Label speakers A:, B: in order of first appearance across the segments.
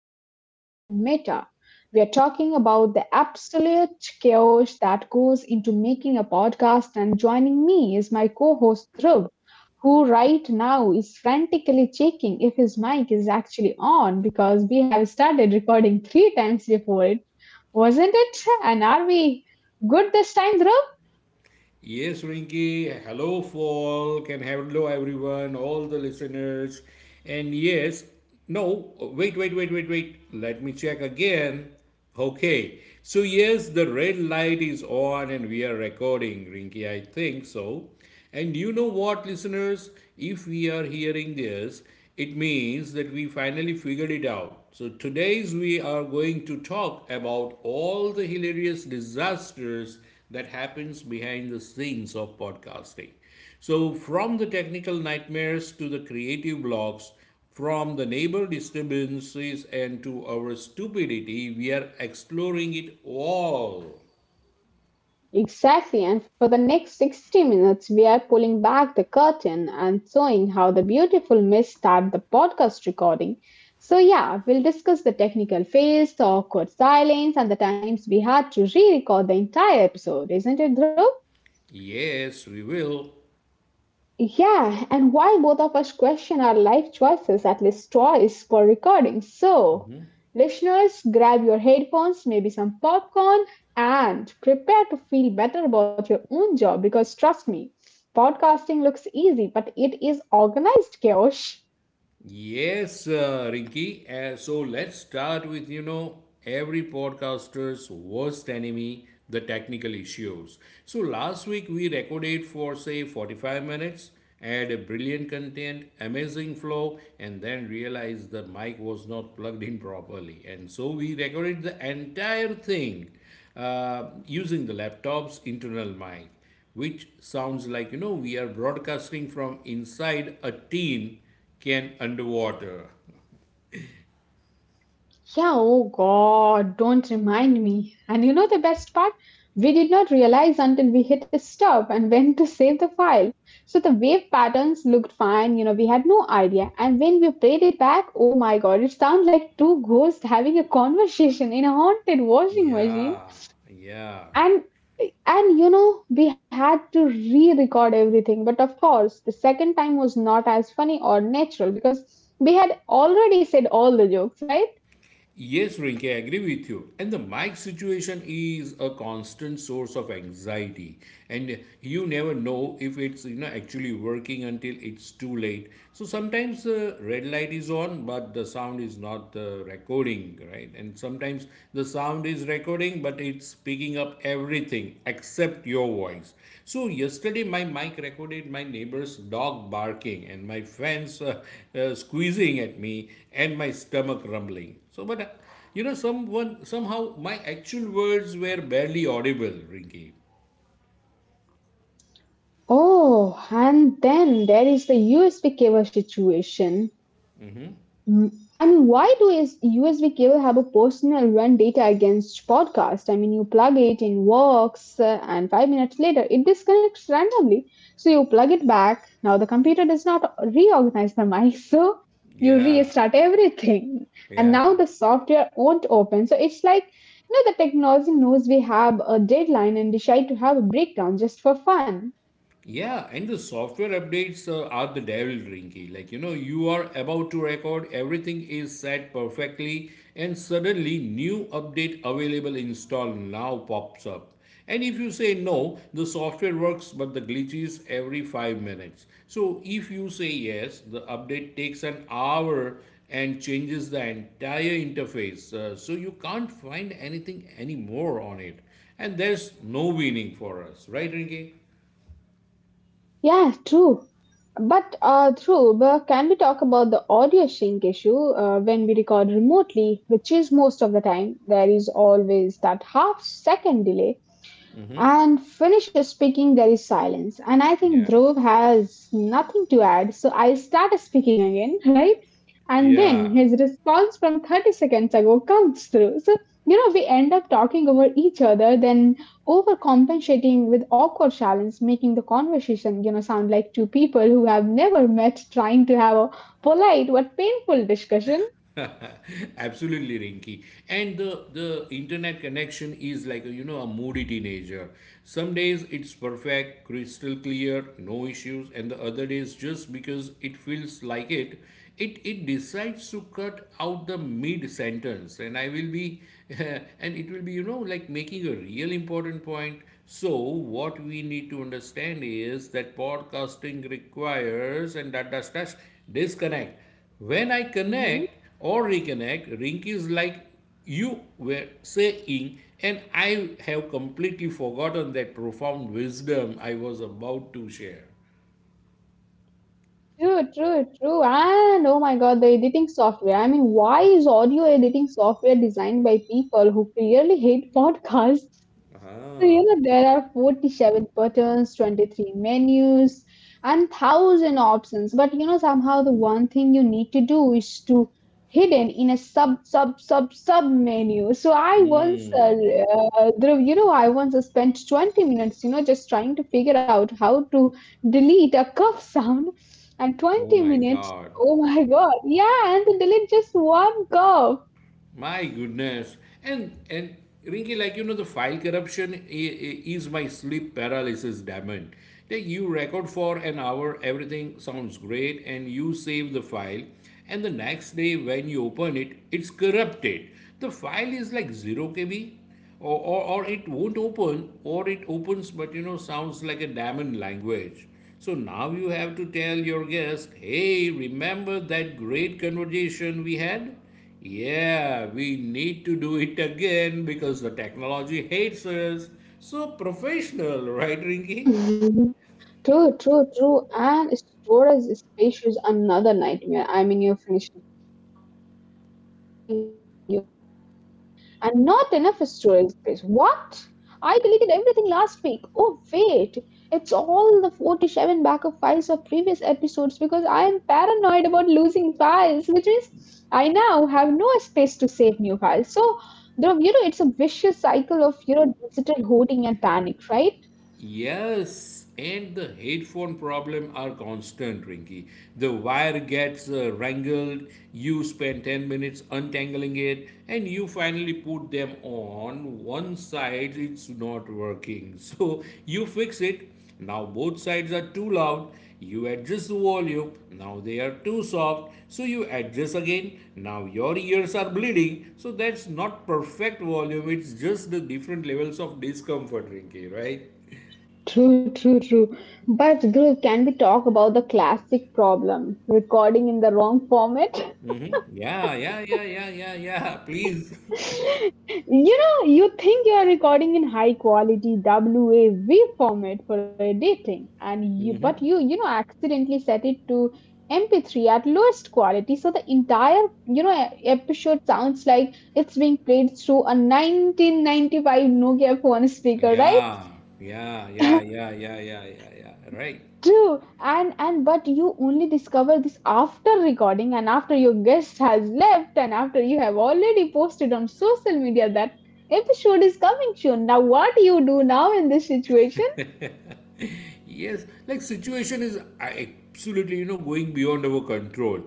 A: doing something meta. We are talking about the absolute chaos that goes into making a podcast. And joining me is my co host, Dhruv, who right now is frantically checking if his mic is actually on because we have started recording three times before it, wasn't it? And are we good this time, Dhruv?
B: Yes, Rinky. Hello, Fall. Can Hello everyone, all the listeners. And yes, no, wait, wait, wait, wait, wait. Let me check again. Okay. So yes, the red light is on and we are recording, Rinky. I think so. And you know what, listeners? If we are hearing this, it means that we finally figured it out. So today's we are going to talk about all the hilarious disasters that happens behind the scenes of podcasting. So from the technical nightmares to the creative blocks, from the neighbor disturbances and to our stupidity, we are exploring it all.
A: Exactly, and for the next 60 minutes, we are pulling back the curtain and showing how the beautiful miss start the podcast recording. So, yeah, we'll discuss the technical phase, the awkward silence, and the times we had to re record the entire episode, isn't it, Dhruv?
B: Yes, we will.
A: Yeah, and while both of us question our life choices, at least twice per recording. So, listeners, grab your headphones, maybe some popcorn, and prepare to feel better about your own job because trust me, podcasting looks easy, but it is organized chaos.
B: Yes, Rinky. So let's start with every podcaster's worst enemy, the technical issues. So last week we recorded for say 45 minutes, had a brilliant content, amazing flow, and then realized the mic was not plugged in properly, and so we recorded the entire thing using the laptop's internal mic, which sounds like we are broadcasting from inside a tin can underwater.
A: Yeah, oh God, don't remind me. And you know the best part? We did not realize until we hit a stop and went to save the file. So the wave patterns looked fine, we had no idea. And when we played it back, oh my God, it sounded like two ghosts having a conversation in a haunted washing machine.
B: Yeah, yeah.
A: And and you know, we had to re-record everything. But of course, the second time was not as funny or natural because we had already said all the jokes, right?
B: Yes, Rinke, I agree with you. And the mic situation is a constant source of anxiety, and you never know if it's actually working until it's too late. So sometimes the red light is on, but the sound is not recording, right? And sometimes the sound is recording, but it's picking up everything except your voice. So yesterday, my mic recorded my neighbor's dog barking and my fans squeezing at me and my stomach rumbling. So, but you know, someone somehow my actual words were barely audible, Rinky.
A: Oh, and then there is the USB cable situation. Mm, I mean, why do is USB cable have a personal run data against podcast? I mean, you plug it in works, and 5 minutes later it disconnects randomly. So you plug it back. Now the computer does not reorganize the mic, so you
B: Yeah,
A: restart everything. And
B: yeah.
A: now the software won't open. So it's like, you know, the technology knows we have a deadline and decide to have a breakdown just for fun.
B: Yeah, and the software updates are the devil, Rinky. Like, you know, you are about to record, everything is set perfectly, and suddenly new update available install now pops up. And if you say no, the software works but the glitches every 5 minutes. So if you say yes, the update takes an hour and changes the entire interface. So you can't find anything anymore on it. And there's no winning for us, right, Rinky?
A: Yeah, true. But true, but can we talk about the audio sync issue when we record remotely, which is most of the time? There is always that half second delay and finish speaking, there is silence. And I think
B: Yeah.
A: Dhruv has nothing to add, so I start speaking again, right? And then
B: Yeah,
A: his response from 30 seconds ago comes through. So, you know, we end up talking over each other, then overcompensating with awkward silence, making the conversation, you know, sound like two people who have never met trying to have a polite but painful discussion.
B: absolutely, Rinky. And the internet connection is like a, a moody teenager. Some days it's perfect, crystal clear, no issues, and the other days just because it feels like it, it decides to cut out the mid sentence, and I will be, and it will be like making a real important point. So what we need to understand is that podcasting requires and that does disconnect. When I
A: Mhm.
B: connect or reconnect, Rinky, is like you were saying, and I have completely forgotten that profound wisdom I was about to share.
A: True, true, true. And oh my God, the editing software. I mean, why is audio editing software designed by people who clearly hate podcasts? So, you
B: Ah.
A: know, there are 47 buttons, 23 menus, and thousand options. But you know, somehow the one thing you need to do is to hidden in a sub sub sub sub menu. So I once, uh,
B: Mm.
A: uh, Dhruv, you know, I once spent 20 minutes, you know, just trying to figure out how to delete a cough sound, and
B: Oh
A: 20
B: my
A: minutes.
B: God.
A: Oh my God! Yeah, and to delete just one cough.
B: My goodness. And Rinky, like, the file corruption is my sleep paralysis diamond. Like you record for an hour, everything sounds great, and you save the file, and the next day when you open it, it's corrupted. The file is like zero KB, or it won't open, or it opens but sounds like a diamond language. So now you have to tell your guest, hey, remember that great conversation we had? Yeah, we need to do it again because the technology hates us. So professional, right, Rinky?
A: True, true, true. And storage space is another nightmare. I mean, you finish recording, you go to share, and not enough storage space. What? I deleted everything last week. Oh, wait. It's all the 47 backup files of previous episodes because I am paranoid about losing files, which means I now have no space to save new files. So, the, you know, it's a vicious cycle of, you know, digital hoarding and panic, right?
B: Yes, and the headphone problem are constant, Rinky. The wire gets wrangled, you spend 10 minutes untangling it, and you finally put them on. One side it's not working. So you fix it. Now both sides are too loud. You adjust the volume. Now they are too soft. So you adjust again. Now your ears are bleeding. So that's not perfect volume. It's just the different levels of discomfort, Rinky, right?
A: True, true, true. But girl, can we talk about the classic problem? Recording in the wrong format?
B: Yeah, yeah, yeah, yeah, yeah, yeah. Please.
A: You know, you think you are recording in high quality WAV format for editing, and you but you know accidentally set it to MP3 at lowest quality, so the entire you know episode sounds like it's being played through a 1995 Nokia phone speaker, right?
B: Yeah, yeah, yeah, yeah, yeah, yeah, yeah, yeah. Right.
A: True, and but you only discover this after recording and after your guest has left and after you have already posted on social media that episode is coming soon. Now, what do you do now in this situation?
B: Yes, like situation is absolutely, you know, going beyond our control.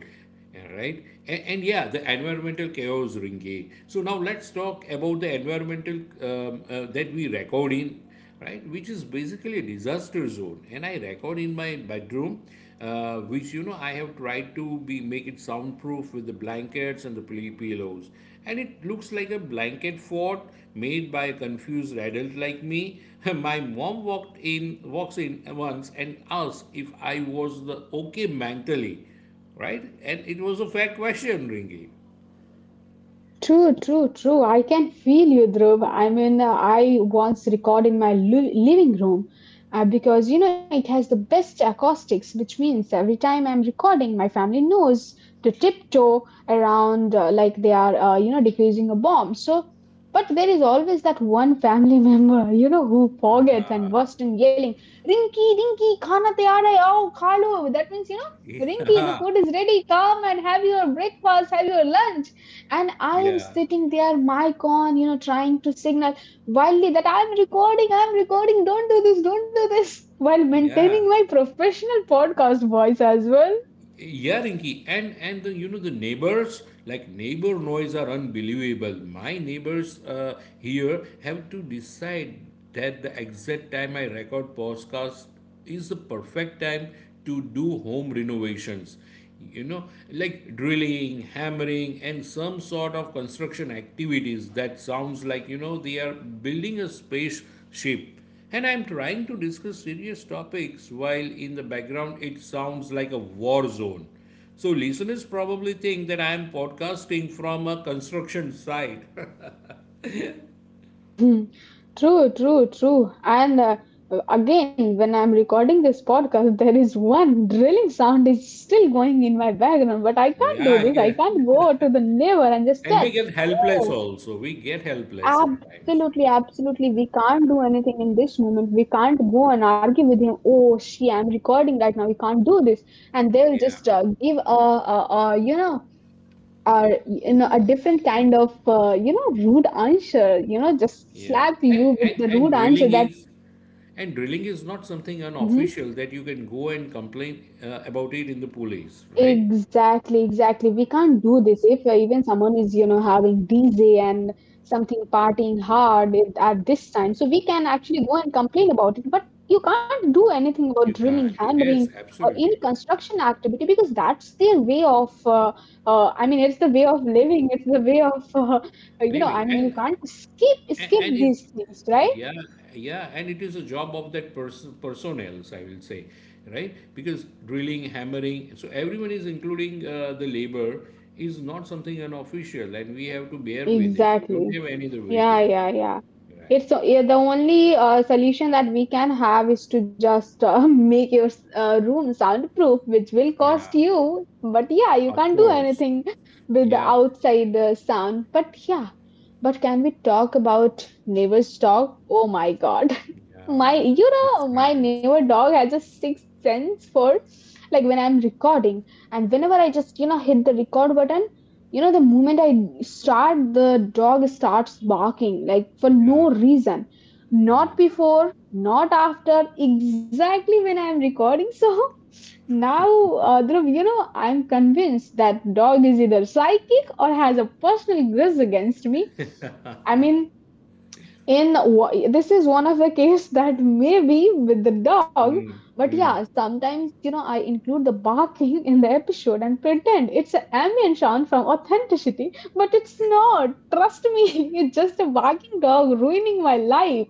B: Yeah, right? And yeah, the environmental chaos, Ringi. So now let's talk about the environmental that we record in, right? Which is basically a disaster zone. And I record in my bedroom which you know I have tried to be make it soundproof with the blankets and the pillows, and it looks like a blanket fort made by a confused adult like me. My mom walks in once and asked if I was the okay mentally, right? And it was a fair question, Ringy.
A: True, true, true. I can feel you, Dhruv. I once record in my living room because, you know, it has the best acoustics, which means every time I'm recording, my family knows to tiptoe around like they are, you know, defusing a bomb. So, but there is always that one family member, you know, who forgets and bursts in yelling, Rinky, Rinky, khana tayar hai, oh, khalo. That means, you know, Rinky, the food is ready. Come and have your breakfast, have your lunch and I
B: Yeah,
A: am
B: yeah,
A: sitting there, mic on, you know, trying to signal wildly that I'm recording, don't do this, while maintaining
B: yeah.
A: my professional podcast voice as well.
B: Yeah, Rinki, and the you know the neighbors like neighbor noise are unbelievable. My neighbors here have to decide that the exact time I record podcast is the perfect time to do home renovations. You know, like drilling, hammering, and some sort of construction activities that sounds like you know they are building a spaceship and I'm trying to discuss serious topics while in the background it sounds like a war zone. So listeners probably think that I am podcasting from a construction site.
A: Hmm. True, true, true. And again, when I'm recording this podcast, there is one drilling sound is still going in my background, but I can't
B: Yeah,
A: do
B: I
A: this. I
B: get,
A: can't go to the neighbor and just
B: and
A: tell,
B: we get helpless
A: "Oh,
B: also. We get helpless sometimes.
A: Absolutely, absolutely. We can't do anything in this moment. We can't go and argue with him. Oh, she, I'm recording right now. You can't do this. And they'll
B: Yeah,
A: just give you know, you know, a different kind of, you know, rude answer. You know, just
B: yeah.
A: slap
B: And
A: you with
B: and
A: the
B: and
A: rude answer
B: drilling
A: that.
B: is and drilling is not something
A: Mm-hmm,
B: unofficial that you can go and complain about it in the police, right?
A: exactly, exactly. We can't do this if even someone is, you know, having DJ and something partying hard at this time. So we can actually go and complain about it, but you can't do anything about
B: You
A: drilling,
B: can't.
A: hammering,
B: Yes,
A: or any
B: absolutely.
A: construction activity because that's their way of, I mean, it's the way of living. It's the way of, you know, I
B: Living
A: mean, you can't skip skip
B: and it
A: these things, right?
B: Yeah, yeah, and it is a job of that person, personnel, I will say, right? Because drilling, hammering, so everyone is including the labor is not something unofficial, and we have to bear with it. We don't
A: Exactly.
B: have any other way to
A: Yeah, yeah,
B: it,
A: yeah.
B: right?
A: Yeah, the only solution that we can have is to just make your room soundproof, which will cost
B: Yeah,
A: you. But yeah, you
B: of
A: can't do
B: course.
A: anything with the
B: Yeah,
A: outside sound. But yeah, but can we talk about neighbors talk? Oh my God, my
B: yeah, the
A: you
B: six
A: know my
B: ranks.
A: neighbor dog has a sixth sense for like when I'm recording, and whenever I just you know hit the record button, you know the moment I start the dog starts barking like for
B: Yeah.
A: no reason, not
B: Mm,
A: before, not after, exactly when I'm recording. So now, Dhruv, you know I'm convinced that dog is either psychic or has a personal grudge against me. I mean, this is one of the case that may be with the dog,
B: mm,
A: but yeah
B: mm.
A: sometimes you know I include the barking in the episode and pretend it's an ambient sound from authenticity, but it's not, trust me. It's just a barking dog ruining my life.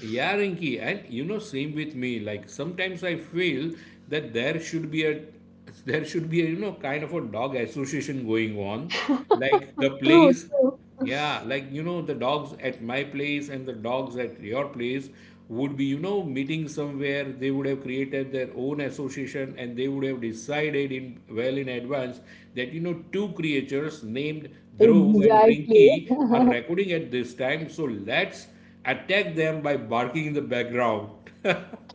B: Yeah, Rinki, and you know, same with me. Like sometimes I feel that there should be a there should be a kind of a dog association going on. Like the
A: True,
B: place,
A: true,
B: yeah, like you know, the dogs at my place and the dogs at your place would be, you know, meeting somewhere. They would have created their own association and they would have decided in well in advance that you know two creatures named Dhruv and
A: exactly.
B: Rinki are recording at this time. So let's attack them by barking in the background.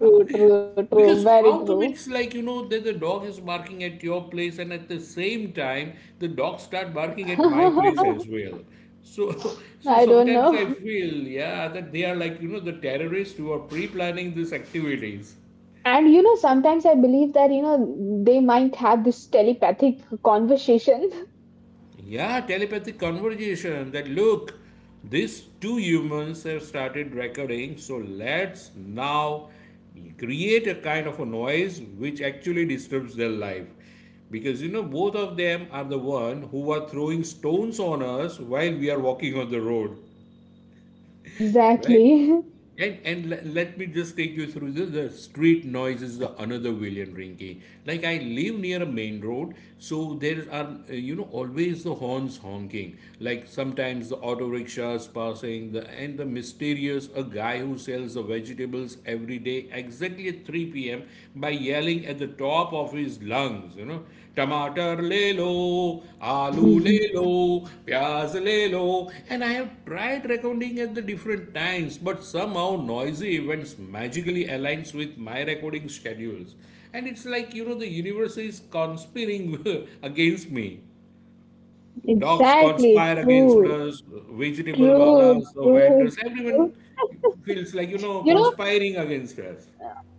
A: True, true, true.
B: Because
A: Very
B: how
A: true.
B: come it's like you know that the dog is barking at your place and at the same time the dog start barking at my place as well. So so
A: I don't
B: sometimes I
A: know.
B: feel yeah that they are like you know the terrorists who are pre-planning these activities.
A: And you know, sometimes I believe that, you know, they might have this telepathic conversation.
B: Yeah, telepathic conversation that look, these two humans have started recording, so let's now create a kind of a noise which actually disturbs their life. Because you know, both of them are the one who are throwing stones on us while we are walking on the road. Right?
A: Exactly.
B: And let me just take you through this. The street noise is the another villain, Rinky. Like I live near a main road, so there are you know always the horns honking. Like sometimes the auto rickshaws passing, the mysterious a guy who sells the vegetables every day exactly at 3 p.m. by yelling at the top of his lungs. You know, टमाटर ले लो आलू ले लो प्याज ले लो, and I have tried recording at the different times but somehow noisy events magically aligns with my recording schedules and it's like you know the universe is conspiring against me. Dogs
A: Exactly.
B: conspire against
A: True.
B: us, vegetable
A: True.
B: wallahs, the
A: True.
B: vendors, everyone
A: True.
B: feels like you know
A: You know,
B: conspiring against us.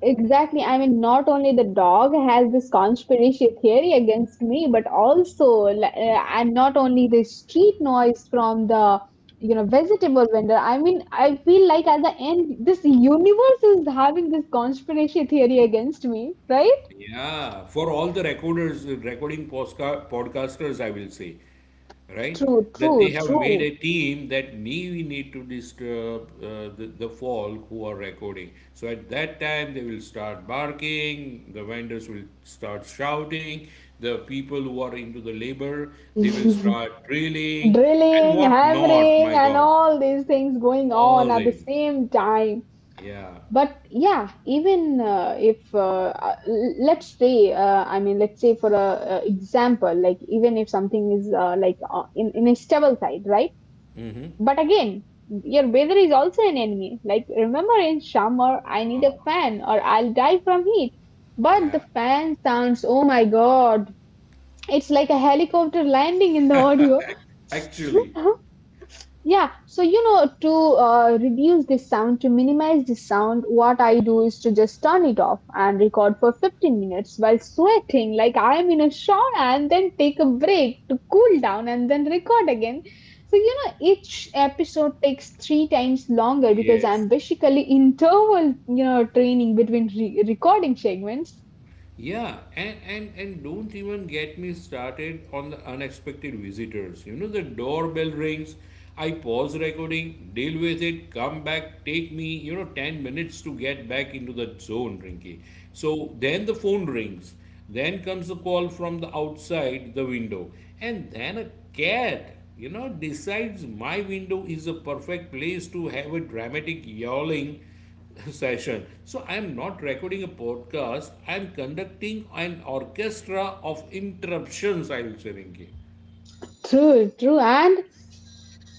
A: Exactly. I mean, not only the dog has this conspiracy theory against me, but also, and not only the street noise from the, you know, vegetable vendor. I mean, I feel like at the end, this universe is having this conspiracy theory against me, right?
B: Yeah, for all the recorders, recording podcasters, I will say. Right?
A: True,
B: That they
A: true,
B: have made a
A: true.
B: team that we need to disturb the folk who are recording. So at that time, they will start barking, the vendors will start shouting, the people who are into the labor, they will start drilling, and
A: Drilling,
B: what not,
A: hammering,
B: my
A: and
B: God.
A: all these things going on
B: All
A: at the
B: them.
A: same time.
B: Yeah.
A: But yeah, even if let's say I mean let's say for a example, like even if something is like in a stable side, right?
B: Mm-hmm.
A: But again, your weather is also an enemy, like remember in summer I need
B: Ah,
A: a fan or I'll die from heat, but the
B: yeah.
A: fan sounds, oh my god, it's like a helicopter landing in the audio.
B: Actually,
A: Yeah, so you know, to reduce this sound, to minimize this sound, what I do is to just turn it off and record for 15 minutes while sweating, like I am in a shower, and then take a break to cool down and then record again. So, you know, each episode takes three times longer because
B: yes.
A: I'm basically interval, you know, training between recording segments.
B: Yeah, and and don't even get me started on the unexpected visitors. You know, the doorbell rings, I pause recording, deal with it, come back, take me, you know, 10 minutes to get back into the zone, Rinky. So then the phone rings, then comes a call from the outside the window, and then a cat, you know, decides my window is a perfect place to have a dramatic yowling session. So I am not recording a podcast. I am conducting an orchestra of interruptions. I will say, Rinki.
A: True, true. And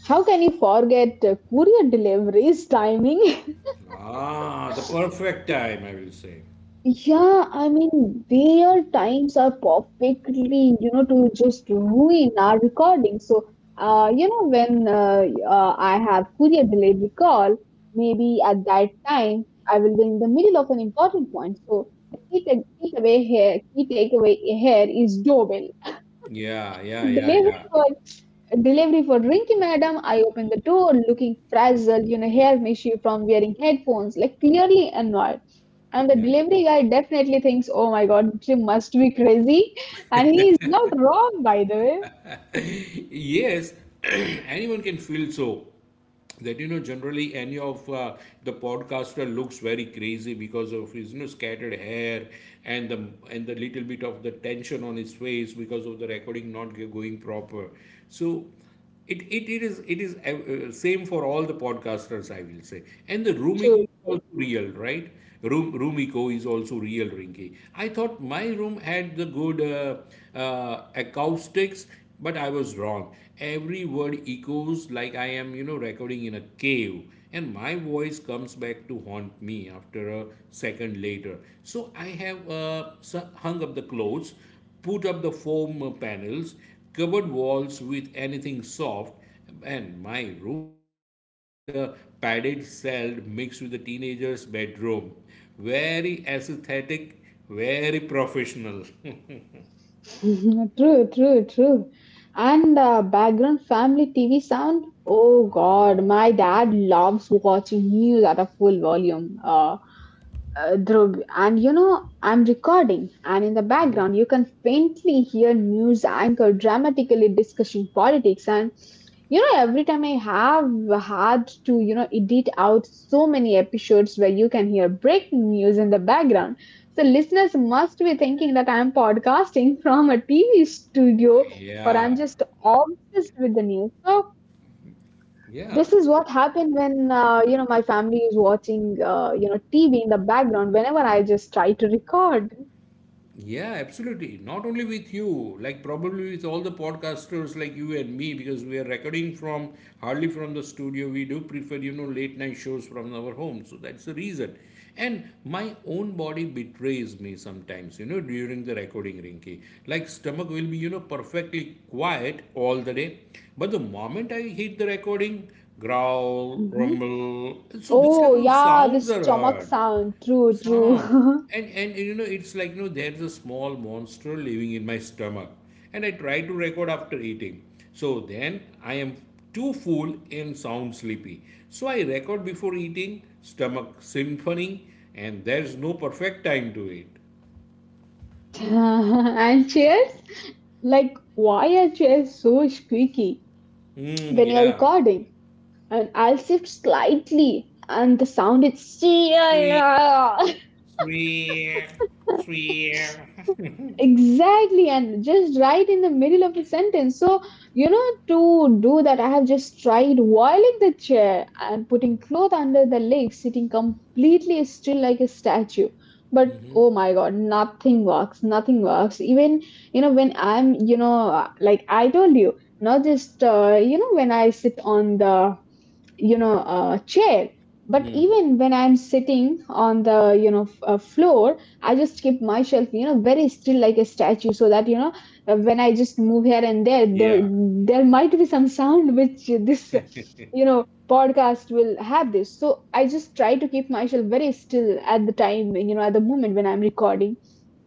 A: how can you forget courier deliveries timing?
B: Ah, the perfect time. I will say.
A: Yeah, I mean, their times are perfectly, you know, to just ruin our recording. So, you know, when I have courier delivery call, maybe at that time I will be in the middle of an important point. So, takeaway here, key takeaway here is doorbell.
B: Yeah, yeah, yeah, yeah,
A: Delivery for Delivery for Rinky Madam. I open the door, looking frazzled, you know, hair issue from wearing headphones, like clearly annoyed. And the delivery guy definitely thinks, oh my god, she must be crazy. And he is not wrong, by the way,
B: yeah. Yes, anyone can feel so. That you know, generally, any of the podcaster looks very crazy because of his you know scattered hair and the little bit of the tension on his face because of the recording not going proper. So it is same for all the podcasters, I will say. And the room echo
A: too.
B: is also real, right? Room echo is also real, Rinky. I thought my room had the good acoustics, but I was wrong. Every word echoes like I am, you know, recording in a cave, and my voice comes back to haunt me after a second later. So I have hung up the clothes, put up the foam panels, covered walls with anything soft, and my room now looks like a padded cell mixed with a teenager's bedroom. Very aesthetic, very professional.
A: True, true, true. And background family TV sound. Oh God, my dad loves watching news at a full volume. Dhruv, and you know, I'm recording, and in the background, you can faintly hear news anchor dramatically discussing politics. And you know, every time I have had to, you know, edit out so many episodes where you can hear breaking news in the background. So listeners must be thinking that I'm podcasting from a TV studio or I'm
B: yeah,
A: just obsessed with the news. So
B: yeah.
A: this is what happened when you know my family is watching you know TV in the background whenever I just try to record.
B: Yeah, absolutely. Not only with you, like probably with all the podcasters like you and me, because we are recording from hardly from the studio. We do prefer, you know, late night shows from our home. So that's the reason. And my own body betrays
A: True,
B: me
A: true,
B: sometimes, you
A: true.
B: know, during the recording, Rinky. Like stomach will be, you
A: And
B: know,
A: sometimes you know
B: perfectly
A: what happened
B: quiet
A: that
B: all the day. But the
A: our
B: moment I
A: own
B: hit the
A: voice.
B: recording, growl,
A: Mhm.
B: rumble. So these
A: Oh
B: kind of
A: yeah, the
B: sounds are
A: stomach
B: heard.
A: sound. True,
B: Some.
A: true.
B: And you know, it's like, you know, there's a small monster living in my stomach. And I try to record after eating. So then I am too full and sound sleepy. So I record before eating, stomach symphony, and there's no perfect time to it.
A: And cheers. Like why are chairs so squeaky
B: Mm,
A: when you're
B: yeah.
A: recording, and I'll shift slightly and the sound is
B: Sweet, sweet, sweet.
A: exactly, and just right in the middle of a sentence. So you know, to do that I have just tried whiling the chair and putting cloth under the legs, sitting completely still like a statue. But oh my god, nothing works. Even you know, when I'm, you know, like I told you, not just you know when I sit on the you know chair, but
B: Mm,
A: even when I'm sitting on the you know floor, I just keep myself you know very still like a statue, so that you know when I just move here and there,
B: yeah,
A: there might be some sound which this you know podcast will have this. So I just try to keep myself very still at the time, you know, at the moment when I'm recording.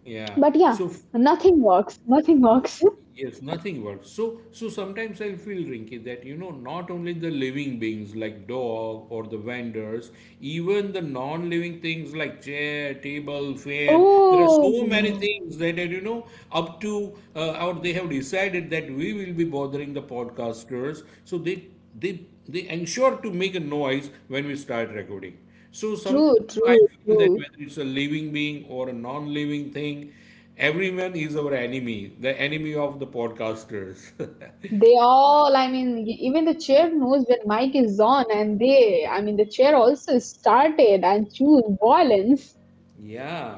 B: yeah.
A: But yeah,
B: So
A: nothing works.
B: yes, nothing works. So sometimes I feel, Rinky, that you know, not only the living beings like dog or the vendors, even the non-living things like chair, table, fan. There are
A: Oh,
B: so many things that are, you know, up to or they have decided that we will be bothering the podcasters. So they ensure to make a noise when we start recording. So
A: true,
B: sometimes, you know, I
A: true,
B: feel that
A: true.
B: whether it's a living being or a non-living thing, everyone is our enemy, the enemy of the podcasters.
A: They all, I mean, even the chair knows when mic is on, and they, I mean, the chair also started and choose violence.
B: Yeah.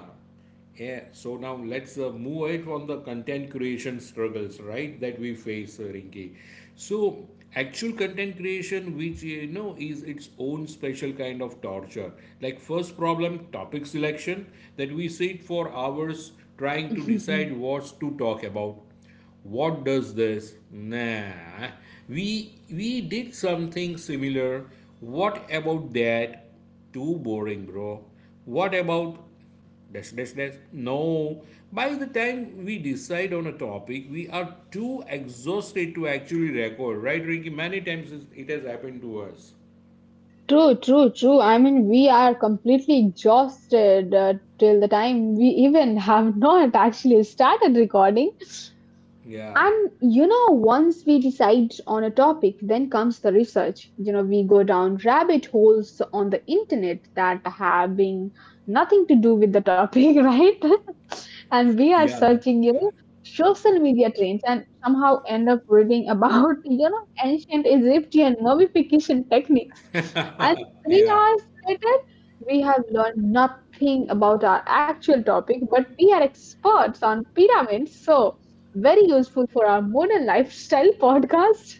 B: Yeah. So now let's move it on the content creation struggles, right? That we face, Rinki. So actual content creation, which you know is its own special kind of torture. Like first problem, topic selection, that we sit for hours trying to decide what to talk about. What does this? Nah. We did something similar. What about that? Too boring, bro. What about dash dash dash? No. By the time we decide on a topic, we are too exhausted to actually record, right, Ricky? Many times it has happened to us.
A: True, true, true. I mean, we are completely exhausted till the time we even have not actually started recording.
B: Yeah.
A: And you know, once we decide on a topic, then comes the research. You know, we go down rabbit holes on the internet that have nothing to do with the topic, right? And we are
B: Yeah.
A: searching, you know, social media trends and somehow end up reading about, you know, ancient Egyptian mummification techniques. And three
B: Yeah.
A: hours later, we have learned nothing about our actual topic, but we are experts on pyramids. So, very useful for our modern lifestyle podcast.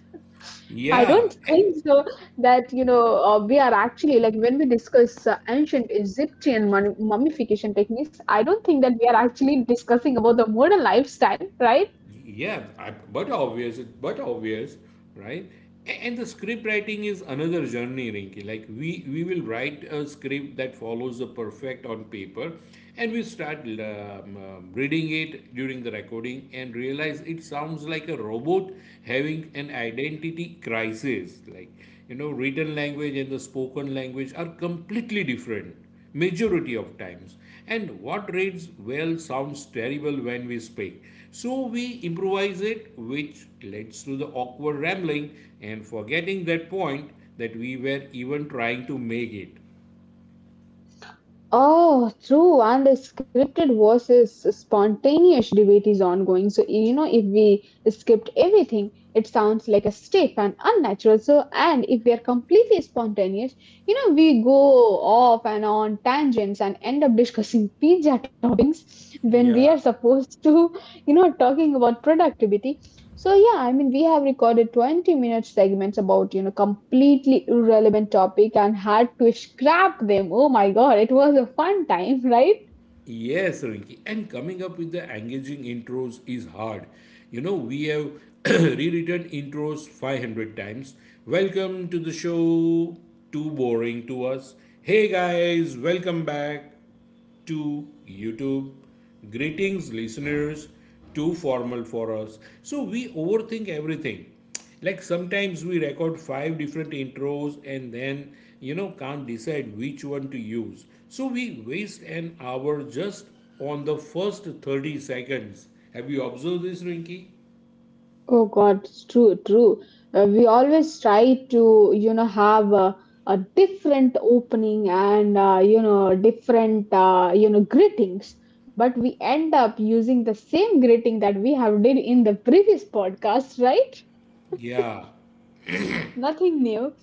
A: I
B: Yeah.
A: don't think so that you know we are actually, like when we discuss ancient Egyptian mummification techniques. I don't think that we are actually discussing about the modern lifestyle, right?
B: Yeah, but obvious, but obvious, right? And the script writing is another journey, Rinky. Like we will write a script that follows the perfect on paper, and we start reading it during the recording and realize it sounds like a robot having an identity crisis. Like, you know, written language and the spoken language are completely different majority of times, and what reads well sounds terrible when we speak. So we improvise it, which leads to the awkward rambling and forgetting that point that we were even trying to make it.
A: Oh, true. And the scripted versus spontaneous debate is ongoing. So, you know, if we script everything, it sounds like a stiff and unnatural. So, and if we are completely spontaneous, you know, we go off and on tangents and end up discussing pizza toppings when we
B: Yeah.
A: are supposed to, you know, talking about productivity. So yeah, I mean, we have recorded 20-minute segments about, you know, completely irrelevant topic and had to scrap them. Oh my God, it was a fun time, right?
B: Yes, Rinki. And coming up with the engaging intros is hard. You know, we have rewritten intros 500 times. Welcome to the show. Too boring to us. Hey guys, welcome back to YouTube. Greetings, listeners. Too formal for us. So we overthink everything. Like sometimes we record five different intros and then, you know, can't decide which one to use. So we waste an hour just on the first 30 seconds. Have you observed this, Rinky?
A: Oh God, it's true, true. We always try to, you know, have a different opening and, you know, different, you know, greetings. But we end up using the same greeting that we have did in the previous podcast, right?
B: Yeah,
A: Nothing new.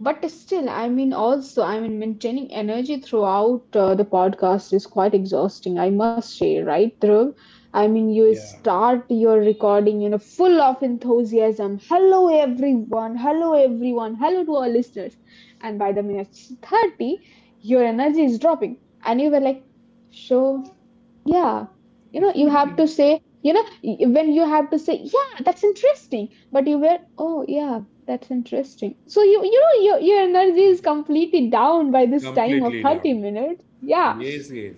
A: But still, I mean, also, I mean, maintaining energy throughout the podcast is quite exhausting, I must say, right, Dhruv? I mean, you
B: yeah,
A: start your recording, you know, full of enthusiasm. Hello, everyone. Hello, everyone. Hello to our listeners. And by the minute 30, your energy is dropping. And you were like, so yeah, you know, you have to say, you know, when you have to say, yeah, that's interesting, but you were, oh, yeah, that's interesting. So you know, your energy is completely down by this time of
B: completely
A: 30
B: down.
A: minutes. Yeah,
B: Yes, yes.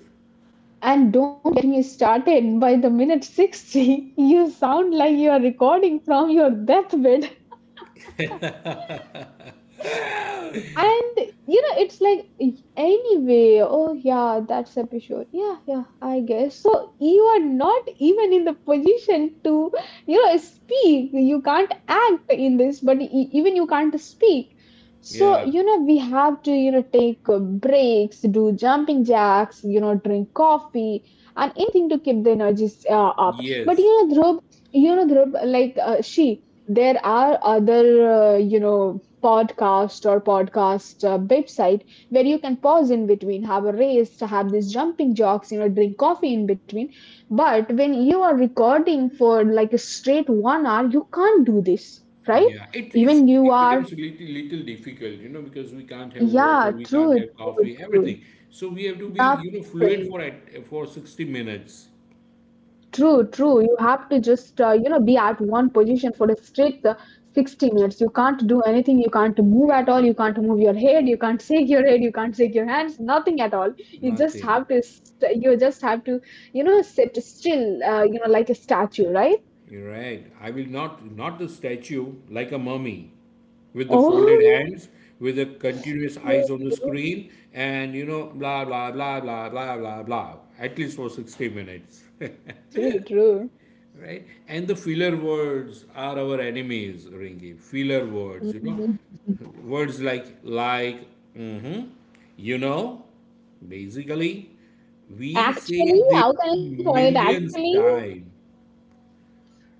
A: and don't get me started by the minute 60, you sound like you are recording from your deathbed. And you know, it's like anyway, oh yeah, that's episode. Yeah, yeah, I guess. So you are not even in the position to, you know, speak. You can't act in this, but even you can't speak. So,
B: Yeah,
A: you know, we have to, you know, take breaks, do jumping jacks, you know, drink coffee, and anything to keep the energies up.
B: yes.
A: But you know, Dhruv, like she, there are other, you know, podcast or podcast website where you can pause in between, have a race, have these jumping jocks, you know, drink coffee in between. But when you are recording for like a straight 1 hour, you can't do this, right?
B: Yeah, it, it's
A: Even you
B: it
A: are,
B: becomes a little difficult, you know, because we can't have water,
A: yeah,
B: we can't
A: true,
B: have
A: true,
B: coffee,
A: true.
B: everything. So we have to be, you know, fluent
A: Nothing.
B: for at for 60 minutes.
A: True, true. You have to just, you know, be at one position for a straight 60 minutes. You can't do anything. You can't move
B: Yeah,
A: at all. You can't move your head. You can't shake your head. You can't shake your hands. Nothing at all. You just
B: nothing.
A: have to, st you just have to, you know, sit still, you know, like a statue, right?
B: You're right. I will not the statue like a mummy with the folded
A: Oh,
B: hands, with the continuous
A: true,
B: eyes on the screen, and you know, blah blah blah blah blah blah blah. At least for 60 minutes.
A: true, true.
B: Right? And the filler words are our enemies, Ringy. Filler words, you know,
A: Mhm.
B: words like, hmm you know. Basically, we say
A: Actually,
B: this
A: how can I call it
B: millions
A: actually?
B: times.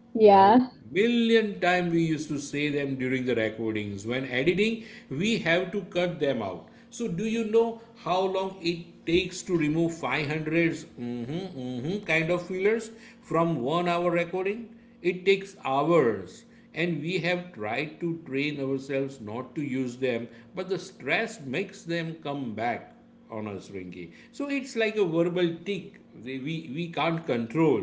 A: Yeah.
B: Right. Million time we used to say them during the recordings. When editing, we have to cut them out. So do you know how long it takes to remove 500 mhm kind of fillers from 1 hour recording? It takes hours. And we have tried to train ourselves not to use them, but the stress makes them come back on us, Rinky. So it's like a verbal tick we can't control,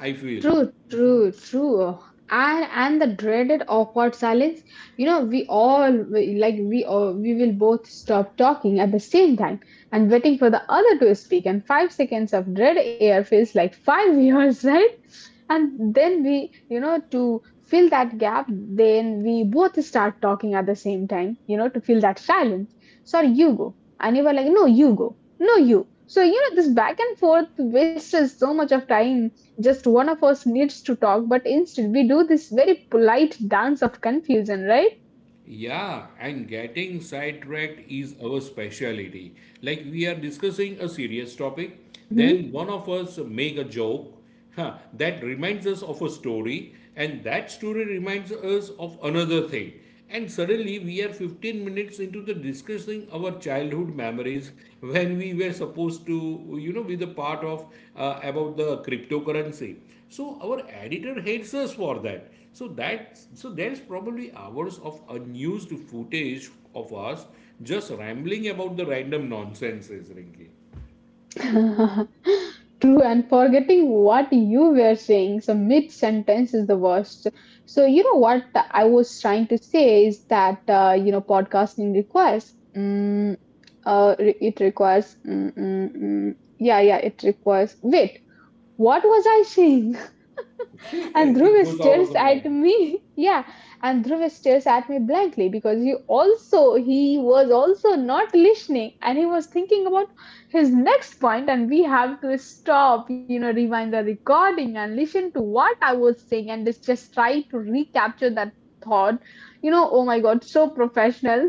B: I feel.
A: True, true, true. And the dreaded awkward silence. You know, like we all we will both stop talking at the same time and waiting for the other to speak. And 5 seconds of dread air feels like five years, right? And then we, you know, to fill that gap, then we both start talking at the same time. You know, to fill that silence. Sorry, you go. And you were like, no, you go. No, you. So you know, this back and forth wastes so much of time, just one of us needs to talk, but instead we do this very polite dance of confusion, right?
B: Yeah, and getting sidetracked is our specialty. Like we are discussing a serious topic, then one of us make a joke that reminds us of a story, and that story reminds us of another thing. And suddenly we are 15 minutes into the discussing our childhood memories when we were supposed to, you know, be the part of about the cryptocurrency. So our editor hates us for that. So that so there's probably hours of unused footage of us just rambling about the random nonsenses, Rinki.
A: Mm-hmm. And forgetting what you were saying, so mid sentence is the worst. So, you know what I was trying to say is that, you know, podcasting requires, it requires, yeah, yeah, it requires, wait, what was I saying? And
B: it
A: Dhruv
B: goes out of the
A: stares
B: mind.
A: at me. Yeah, and Dhruv stares at me blankly, because he was also not listening and he was thinking about his next point. And we have to stop, you know, rewind the recording and listen to what I was saying, and just try to recapture that thought. You know, oh my god, so professional.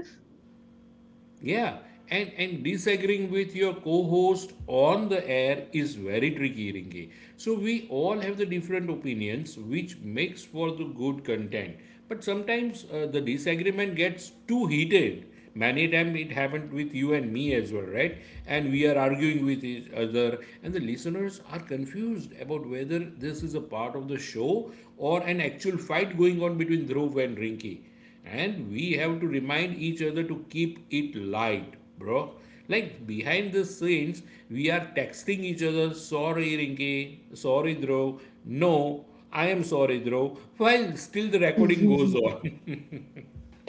B: Yeah, and disagreeing with your co-host on the air is very tricky, Ringi. So we all have the different opinions, which makes for the good content. But sometimes the disagreement gets too heated. Many times it happened with you and me as well, right? And we are arguing with each other, and the listeners are confused about whether this is a part of the show or an actual fight going on between Dhruv and Rinki, and we have to remind each other to keep it light, bro. Like behind the scenes we are texting each other, sorry Rinki, sorry Dhruv, no I am sorry Dhruv, while still the recording goes on.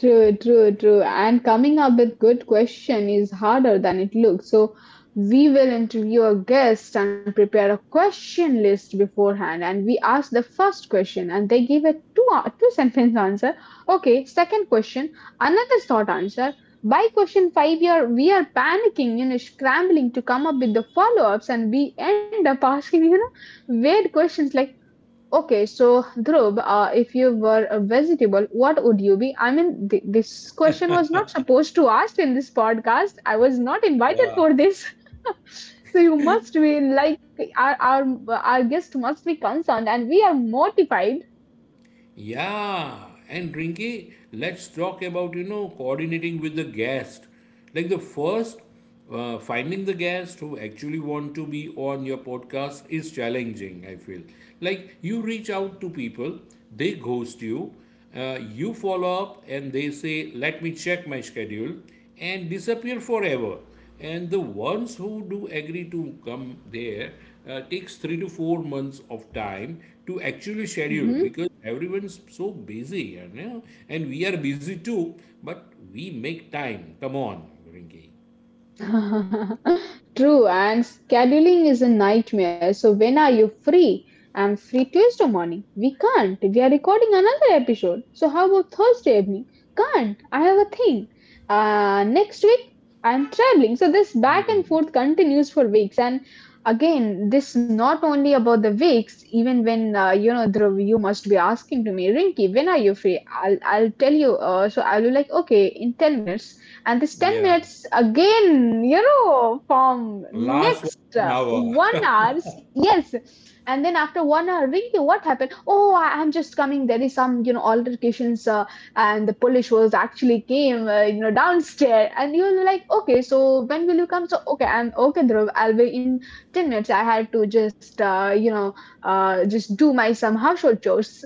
A: True, true, true. And coming up with good question is harder than it looks. So we will interview a guest and prepare a question list beforehand. And we ask the first question, and they give a two sentence answer. Okay, second question, another short answer. By question five, we are panicking, you know, scrambling to come up with the follow ups, and we end up asking, you know, weird questions like. Okay, so Dhruv, if you were a vegetable, what would you be? I mean, th this question was not supposed to ask in this podcast. I was not invited for this. So you must be like our guest must be concerned, and we are mortified.
B: Yeah, and Rinky, let's talk about, you know, coordinating with the guest. Like the first, finding the guest who actually want to be on your podcast is challenging, I feel. Like you reach out to people, they ghost you, you follow up and they say, let me check my schedule, and disappear forever. And the ones who do agree to come there takes 3 to 4 months of time to actually schedule
A: Mm-hmm.
B: because everyone's so busy, you know, and we are busy too, but we make time. Come on, Rinki.
A: True, and scheduling is a nightmare. So when are you free? I'm free Tuesday morning. We can't. We are recording another episode. So how about Thursday evening? Can't. I have a thing. Next week I'm traveling. So this back and forth continues for weeks. And again, this not only about the weeks. Even when you know, Dhruv, you must be asking to me, Rinky, when are you free? I'll tell you. So I'll be like, okay, in 10 minutes, and this 10
B: Yeah.
A: minutes again you know from
B: Last
A: next
B: one hour.
A: 1 hours. Yes, and then after 1 hour, Rinky, what happened? Oh, I'm just coming. There is some you know altercations, and the police was actually came you know downstairs. And you were like, okay, so when will you come? So okay, I'm okay Dhruv, I'll be in 10 minutes. I had to just, you know, just do my some household chores.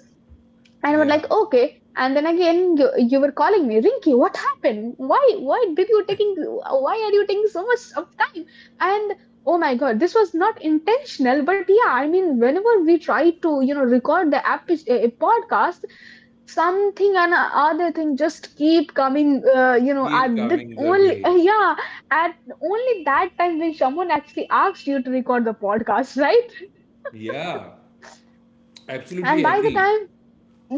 A: And we're
B: Yeah.
A: like, okay. And then again, you were calling me, Rinky, what happened? Why are you taking so much of time? And Oh my God, this was not intentional, but yeah, I mean, whenever we try to, you know, record a podcast, something and other thing just keep coming you know at
B: Keep
A: the
B: coming their
A: only
B: way.
A: yeah at only that time when someone actually asked you to record the podcast, right?
B: Yeah.
A: And
B: Absolutely
A: by the
B: agree.
A: time—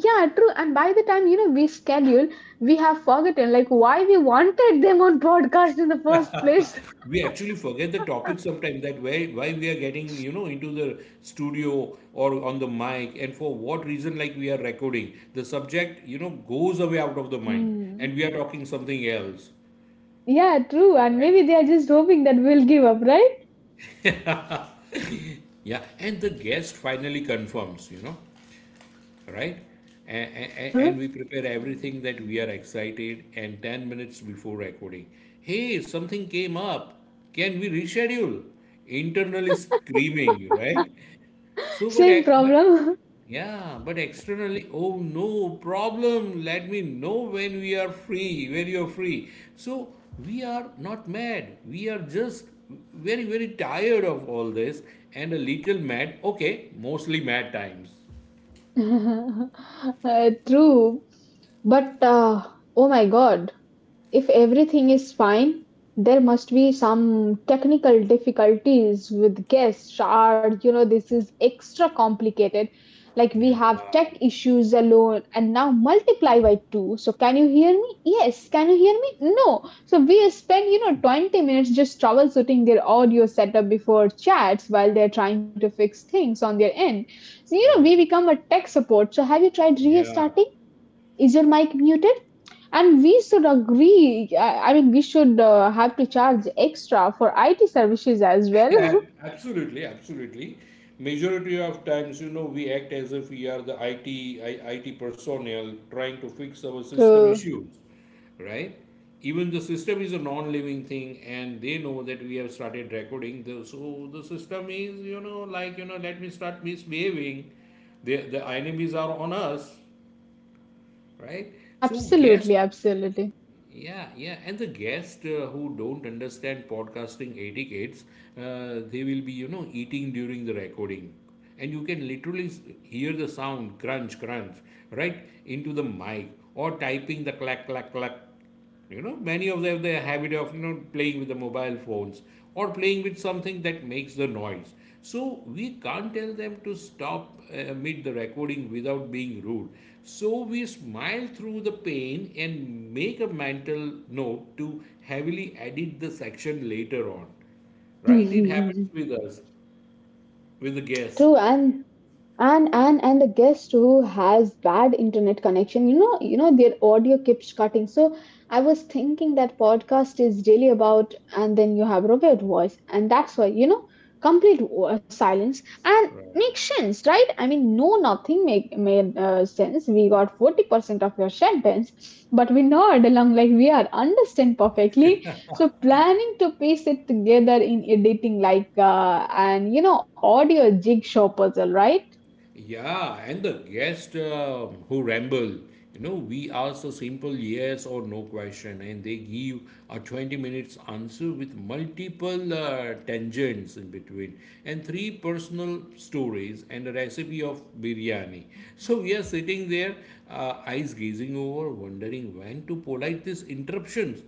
A: yeah, true. And by the time, you know, we schedule, we have forgotten like why we wanted them on podcast in the first place.
B: We actually forget the topic sometimes, that why we are getting, you know, into the studio or on the mic and for what reason. Like we are recording the subject, you know, goes away out of the mind
A: Hmm.
B: and we are talking something else,
A: Yeah, true. And
B: right?
A: maybe they are just hoping that we'll give up, right?
B: Yeah, and the guest finally confirms, you know, right. And we prepare everything that we are excited, and 10 minutes before recording, hey something came up, can we reschedule, internally screaming, right? So but
A: Same
B: I- but
A: problem.
B: yeah, but externally, oh no problem. Let me know when we are free, when you're free. So we are not mad. We are just very, very tired of all this, and a little mad. Okay, mostly mad times.
A: True. But oh my God, if everything is fine, there must be some technical difficulties with guests. Or you know, this is extra complicated. Like we
B: Yeah,
A: have tech issues alone, and now multiply by two. So can you hear me? Yes. Can you hear me? No. So we spend, you know, 20 minutes just troubleshooting their audio setup before chats while they're trying to fix things on their end. So, you know, we
B: right.
A: become a tech support. So have you tried
B: Yeah.
A: restarting? Is your mic muted? And we should agree, I mean, we should have to charge extra for IT services as
B: Yeah,
A: well.
B: absolutely, absolutely. Majority of times, you know, we act as if we are the IT personnel trying to fix our system
A: True.
B: issues, right? Even the system is a non-living thing, and they know that we have started recording. The, so the system is, you know, like, you know, let me start misbehaving. The enemies are on us, right? So guess
A: Absolutely, absolutely.
B: yeah, yeah, and the guests who don't understand podcasting etiquettes, they will be, you know, eating during the recording. And you can literally hear the sound crunch, crunch, right into the mic, or typing the clack, clack, clack. You know, many of them have the habit of, you know, playing with the mobile phones or playing with something that makes the noise. So we can't tell them to stop mid the recording without being rude. So we smile through the pain and make a mental note to heavily edit the section later on. Right? It
A: True.
B: happens with us, with the guests.
A: And and and the guest who has bad internet connection, you know, you know their audio keeps cutting. So I was thinking that podcast is really about, and then you have robot voice and that's why, you know, complete silence and
B: Right.
A: makes sense, right? I mean, no, nothing make made sense, we got 40% of your sentence but we nod along like we are understand perfectly. So planning to piece it together in editing like and you know audio jigsaw puzzle, right?
B: Yeah, and the guest who ramble, you know, we ask a simple yes or no question, and they give a 20 minutes answer with multiple tangents in between, and three personal stories and a recipe of biryani. So we are sitting there, eyes gazing over, wondering when to polite these interruptions,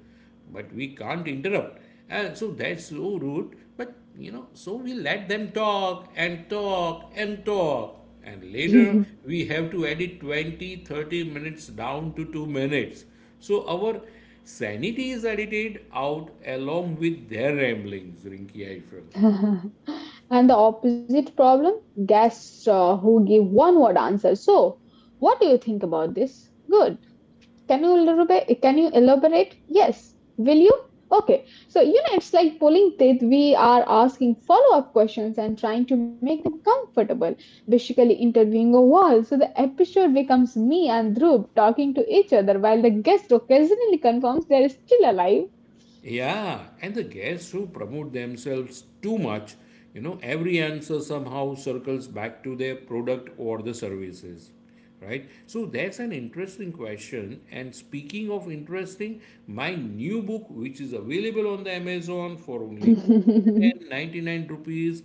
B: but we can't interrupt. So that's so rude. But you know, so we let them talk and talk and talk. And later
A: And
B: we have to edit 20, 30 minutes down to 2 minutes. So our sanity is edited out along with their ramblings, Rinki, I feel.
A: the opposite problem, guests who give one word answer. So what do you think about this? Good. Can you elaborate? Can you elaborate? Yes. Will you? Okay. So you know it's like pulling teeth, we are asking follow-up questions and trying to make them comfortable, basically interviewing a wall. So the episode becomes me and Dhruv talking to each other while the guest occasionally confirms they're still alive.
B: Yeah, and the guests who promote themselves too much, you know, every answer somehow circles back to their product or the services, right? So that's an interesting question. And speaking of interesting, my new book, which is available on the Amazon for only and 99 rupees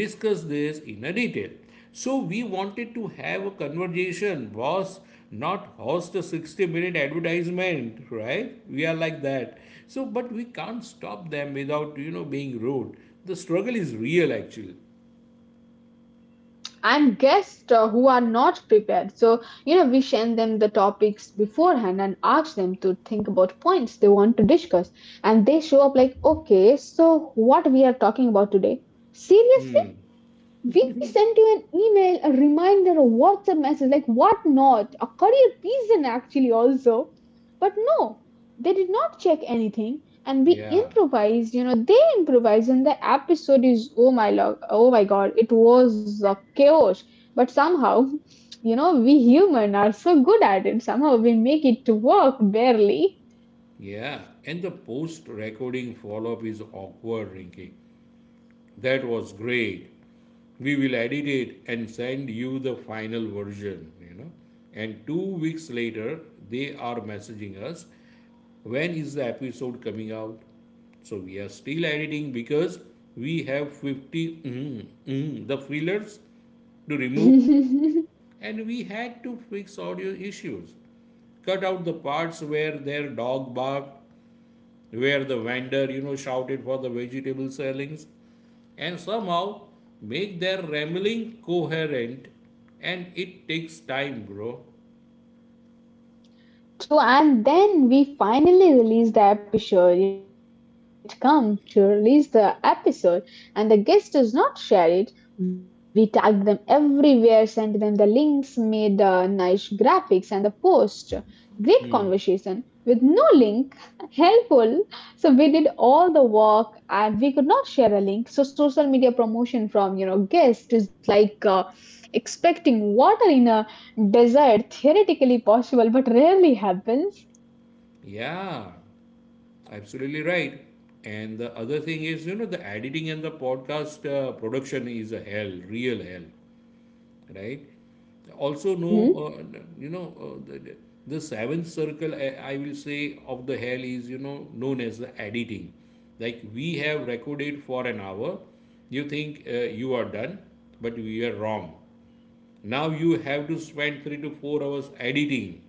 B: discuss this in a detail, so we wanted to have a conversation. Was not host a 60-minute advertisement, right? We are like that. So but we can't stop them without being rude. The struggle is real actually.
A: And guests who are not prepared. So, you know, we send them the topics beforehand and ask them to think about points they want to discuss. And they show up like, okay, so what we are talking about today? Seriously? We sent you an email, a reminder, a WhatsApp message, like what not, a career reason actually also. But no, they did not check anything and we
B: Yeah,
A: improvised, you know, they improvised and the episode is oh my lord, oh my god, it was a chaos. But somehow, you know, we human are so good at it. Somehow we make it to work barely.
B: yeah, and the post recording follow up is awkward, Rinky. That was great. We will edit it and send you the final version, And 2 weeks later, they are messaging us, when is the episode coming out? So we are still editing because we have 50 the fillers to remove, and we had to fix audio issues, cut out the parts where their dog barked, where the vendor shouted for the vegetable sellings, and somehow make their rambling coherent. And it takes time, bro.
A: True, and then we finally release the episode, you know, the time when it comes to release the episode and the guest does not share it. We tag them everywhere, send them the links, made nice graphics and the post. Great conversation with no link, helpful. So we did all the work and we could not share a link. So social media promotion from, you know, guest is like expecting water in a— desire theoretically possible but rarely happens.
B: Yeah, absolutely right. And the other thing is the editing and the podcast production is a hell, real hell, right? Also no.
A: Mhm.
B: uh, you know uh, the, the seventh circle, I will say, of the hell is known as the editing. Like we have recorded for an hour, you think you are done, but we are wrong. Now you have to spend 3 to 4 hours editing,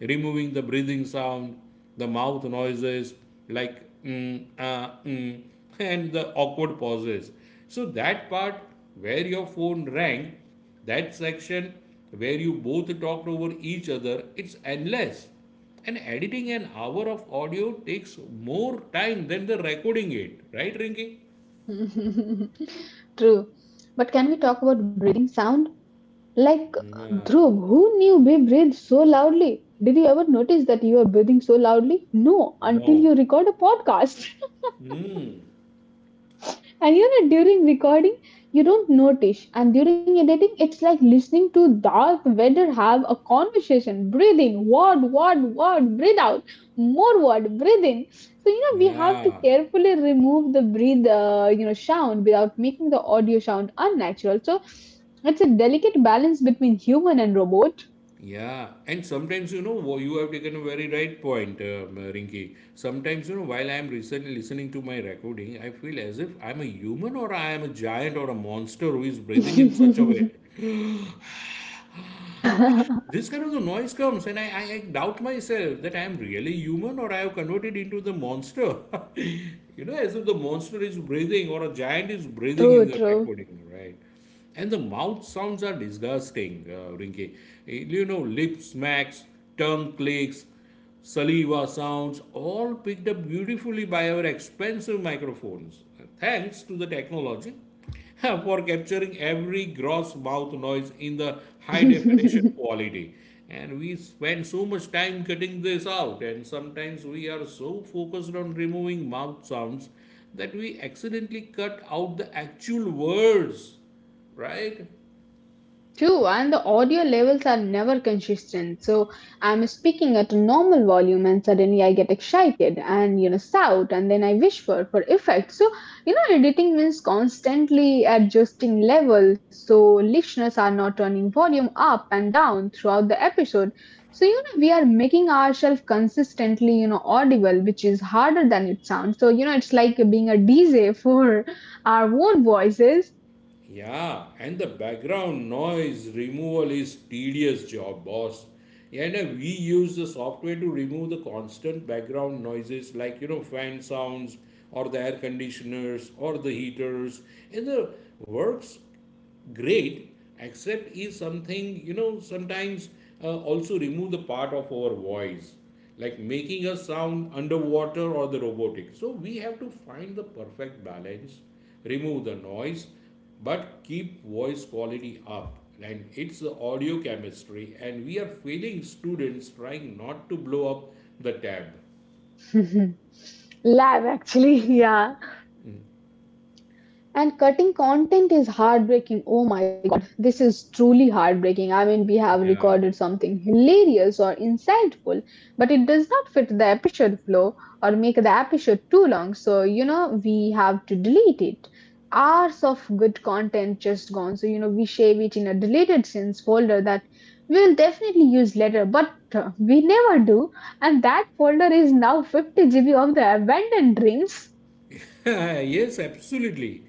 B: removing the breathing sound, the mouth noises like and the awkward pauses. So that part where your phone rang, that section where you both talked over each other, it's endless. And editing an hour of audio takes more time than the recording it, right, Rinki?
A: True. But can we talk about breathing sound? Like,
B: No,
A: Dhruv, who knew we breathe so loudly? Did you ever notice that you are breathing so loudly? No, until
B: no.
A: you record a podcast.
B: Hmm.
A: And you know, during recording, you don't notice. And during editing, it's like listening to Darth Vader have a conversation. Breathe in, word, word, word, breathe out, more word, breathe in. So, you know, we have to
B: Yeah.
A: carefully remove the breathe, you know, sound without making the audio sound unnatural. So, it's a delicate balance between human and robot.
B: Yeah, and sometimes you have taken a very right point, Rinki. Sometimes while I am recently listening to my recording, I feel as if I'm a human, or I am a giant or a monster who is breathing in such a way. This kind of the noise comes, and I doubt myself that I am really human or I have converted into the monster. You know, as if the monster is breathing or a giant is breathing
A: True,
B: in the
A: true.
B: recording, right? And the mouth sounds are disgusting, Rinki. You know, lip smacks, tongue clicks, saliva sounds, all picked up beautifully by our expensive microphones, thanks to the technology, for capturing every gross mouth noise in the high definition quality. And we spend so much time cutting this out, and sometimes we are so focused on removing mouth sounds that we accidentally cut out the actual words, right?
A: True, and the audio levels are never consistent. So I'm speaking at a normal volume and suddenly I get excited and you know shout and then I whisper for effect. So you know editing means constantly adjusting levels so listeners are not turning volume up and down throughout the episode. So you know we are making ourselves consistently, you know, audible, which is harder than it sounds. So you know it's like being a DJ for our own voices.
B: Yeah, and the background noise removal is tedious job, boss. Yeah, and we use the software to remove the constant background noises like fan sounds or the air conditioners or the heaters. And the works great, except is something sometimes also remove the part of our voice, like making us sound underwater or the robotic. So we have to find the perfect balance, remove the noise but keep voice quality up. And it's the audio chemistry, and we are failing students trying not to blow up the tab.
A: Live, actually, yeah. And cutting content is heartbreaking. Oh my, this is truly heartbreaking. I mean, we have
B: Yeah.
A: recorded something hilarious or insightful, but it does not fit the episode flow or make the episode too long. So, you know, we have to delete it. Hours of good content just gone. So, you know, we save it in a deleted scenes folder that we will definitely use later, but we never do. And that folder is now 50 GB of the abandoned dreams.
B: Yes, absolutely,